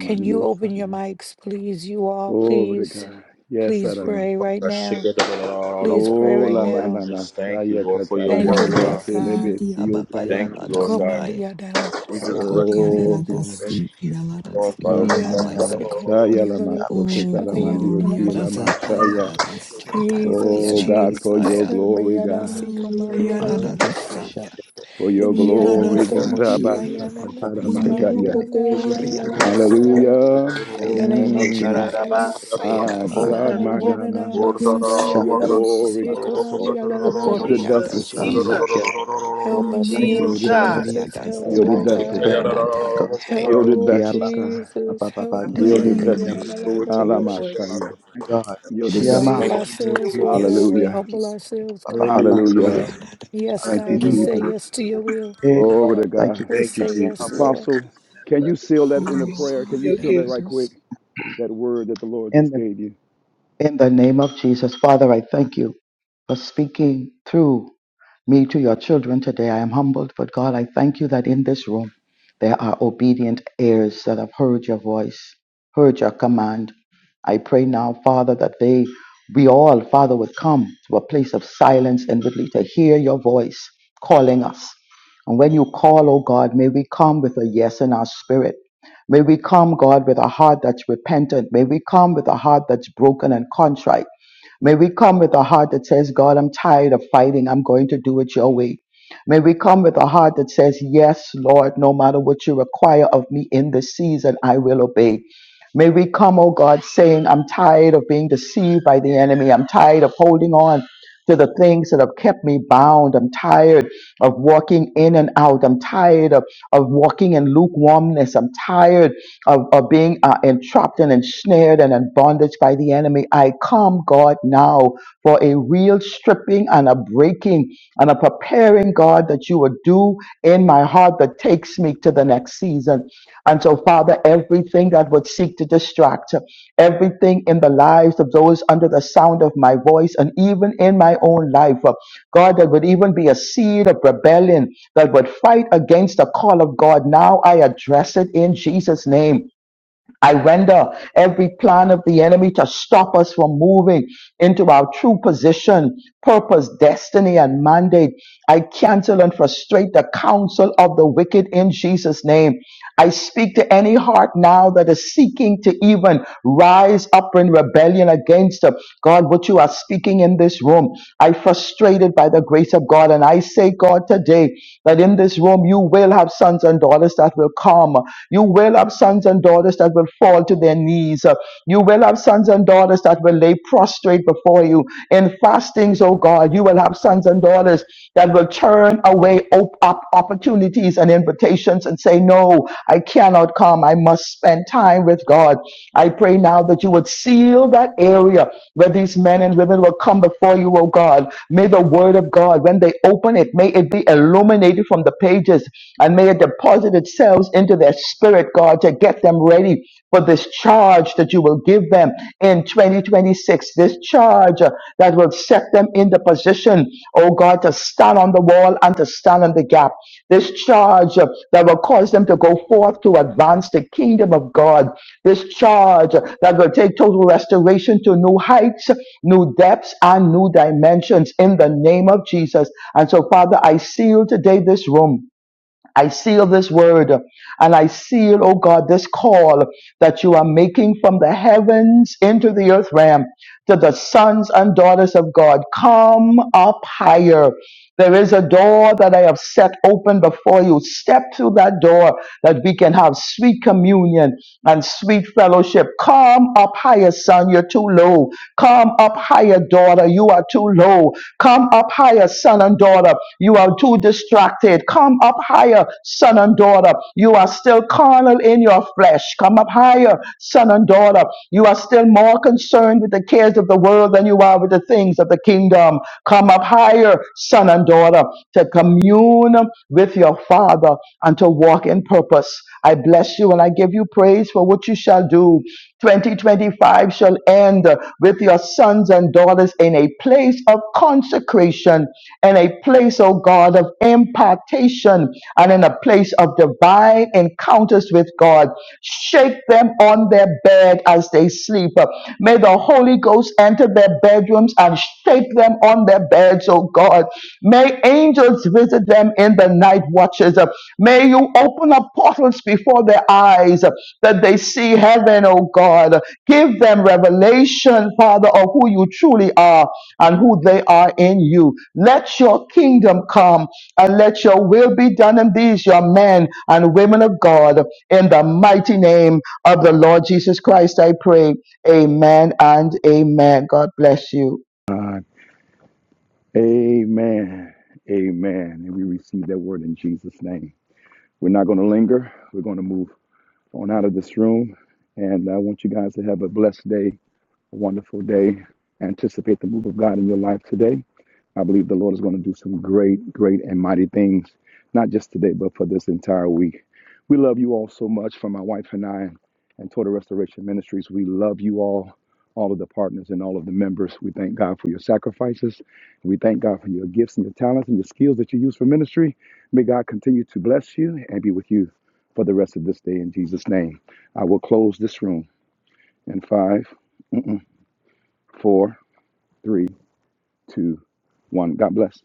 can you open your Yeah. mics, please? You all, Glory to please, God. Yes, please pray Adamasa. right now. Lord, Please pray Oh, right la now. just thank you, mananasaya Lord, for your Thank you, word, Yada Lord God. si God. dia kataramanioselebesio baba Thank you, yala da Lord talamasaya. God. si Komandiya dala We just bless masikandiya you. Kokar Oh, dala yada dala Thank glory. si you boshaya. yala da for this one, si Father. Ah, Thank yama Yana bayara. yanamasaya sekomandiya dala lamasoko O boshaya kor dala yada masi. da taramanioselamashaya. bayara da say kay Jesus, Oh, bayara da God, for Jesus. your saya. glory, Mayana God. siko O ya mami ala yara la la da da bosaya. saya. For Ya your yara Yana da la glory, la la God. si ki bosaya yala. na na Maniero Rabasakataramashaya. bosaya na pokor yana la la yada bosaya. saya. Hallelujah. In the Bayara name of Mm. saya. Ikararaba, Jesus. Bayara My Oh God, saya. God, my inararobo. yana God, my na God, my God, Yes, for masaya Thank la your Lord, la la yes, glory, Lord, bosaya you, God. Lord yes, komami Lord. ala la Jesus, la la Kokor Yielded bosaya. Jesus, vessels, Father. yada Jesus, Help us, Lord Momoyoro Yielded, Jesus. kokoria Jesus. Help das. us Help, to ay, yielded Lord ay, obey, ay, vessels. help ay, da, God. us to ay. walk Help, Yielded in Lord vessels, righteousness. God. Jesus. Help, Help us to God. Yielded you, be Mm. Jesus, vessels. for obedient what to you're your doing, God. voice. Alamashaya. Help us to Yielded We Yes, say humble Thank vessels. Lord. you, yes Yes, to Lord your ourselves, Lord. Jesus. will, Lord your Yes, God. We way. Hallelujah. Lord. humble Yes, Lord. ourselves, God. Help Hallelujah, us, Oh, Lord, God. Hallelujah. yeah, da, da, to Yes, Thank God. obey you, We the word say Jesus. of yes to Jesus. your will. Glory to God. We Thank you, say yes, Jesus. Lord. Apostle, Help can you us seal that to in a prayer? Can receive you your seal that gifts. right Oh, quick? That word that the Lord In just the, gave you. in the name of Jesus, Father, I thank you for speaking through. me to your children today. I am humbled, but God, I thank you that in this room there are obedient heirs that have heard your voice, heard your command. I pray now, Father, that they, we all, Father, would come to a place of silence and really to hear your voice calling us. And when you call, oh God, may we come with a yes in our spirit. May we come, God, with a heart that's repentant. May we come with a heart that's broken and contrite. May we come with a heart that says, God, I'm tired of fighting. I'm going to do it your way. May we come with a heart that says, Yes, Lord, no matter what you require of me in this season, I will obey. May we come, oh God, saying, I'm tired of being deceived by the enemy. I'm tired of holding on to the things that have kept me bound. I'm tired of walking in and out. I'm tired of, of walking in lukewarmness. I'm tired of, of being uh, entrapped and ensnared and in bondage by the enemy. I come, God, now for a real stripping and a breaking and a preparing, God, that you would do in my heart that takes me to the next season. And so, Father, everything that would seek to distract, everything in the lives of those under the sound of my voice, and even in my own life, uh, God, that would even be a seed of rebellion that would fight against the call of God. Now I address it in Jesus' name. I render every plan of the enemy to stop us from moving into our true position, purpose, destiny, and mandate. I cancel and frustrate the counsel of the wicked in Jesus' name. I speak to any heart now that is seeking to even rise up in rebellion against uh, God, what you are speaking in this room. I frustrated by the grace of God. And I say, God, today that in this room you will have sons and daughters that will come. You will have sons and daughters that will fall to their knees. Uh, You will have sons and daughters that will lay prostrate before you in fastings, oh God. You will have sons and daughters that will turn away op- op- opportunities and invitations and say, No, I cannot come. I must spend time with God. I pray now that you would seal that area where these men and women will come before you, oh God. May the word of God, when they open it, may it be illuminated from the pages and may it deposit itself into their spirit, God, to get them ready for this charge that you will give them in 2026. This charge uh, that will set them in the position, oh God, to stand on the wall and to stand in the gap. This charge uh, that will cause them to go forth to advance the kingdom of God this charge that will take total restoration to new heights, new depths, and new dimensions in the name of Jesus. And so, Father, I seal today this room. I seal this word and I seal, oh God, this call that you are making from the heavens into the earth realm to the sons and daughters of God. Come up higher. There is a door that I have set open before you. Step through that door that we can have sweet communion and sweet fellowship. Come up higher, son. You're too low. Come up higher, daughter. You are too low. Come up higher, son and daughter. You are too distracted. Come up higher, son and daughter. You are still carnal in your flesh. Come up higher, son and daughter. You are still more concerned with the cares of the world than you are with the things of the kingdom. Come up higher, son and daughter, to commune with your father and to walk in purpose. I bless you and I give you praise for what you shall do. 2025 shall end with your sons and daughters in a place of consecration in a place, oh God, of impartation and in a place of divine encounters with God. Shake them on their bed as they sleep. May the Holy Ghost enter their bedrooms and shake them on their beds, oh God. May angels visit them in the night watches. May you open up portals before their eyes that they see heaven, oh God. Give them revelation, Father, of who you truly are and who they are in you. Let your kingdom come and let your will be done in these, your men and women of God, in the mighty name of the Lord Jesus Christ. I pray. Amen and amen. God bless you. God. Amen. Amen. And we receive that word in Jesus' name. We're not going to linger. We're going to move on out of this room. And I want you guys to have a blessed day a wonderful day. Anticipate the move of God in your life today. I believe the Lord is going to do some great, great, and mighty things, not just today, but for this entire week. We love you all so much from my wife and I and Total Restoration Ministries. We love you all, all of the partners and all of the members. We thank God for your sacrifices. We thank God for your gifts and your talents and your skills that you use for ministry. May God continue to bless you and be with you for the rest of this day in Jesus' name. I will close this room in five, four three, two, one. God bless.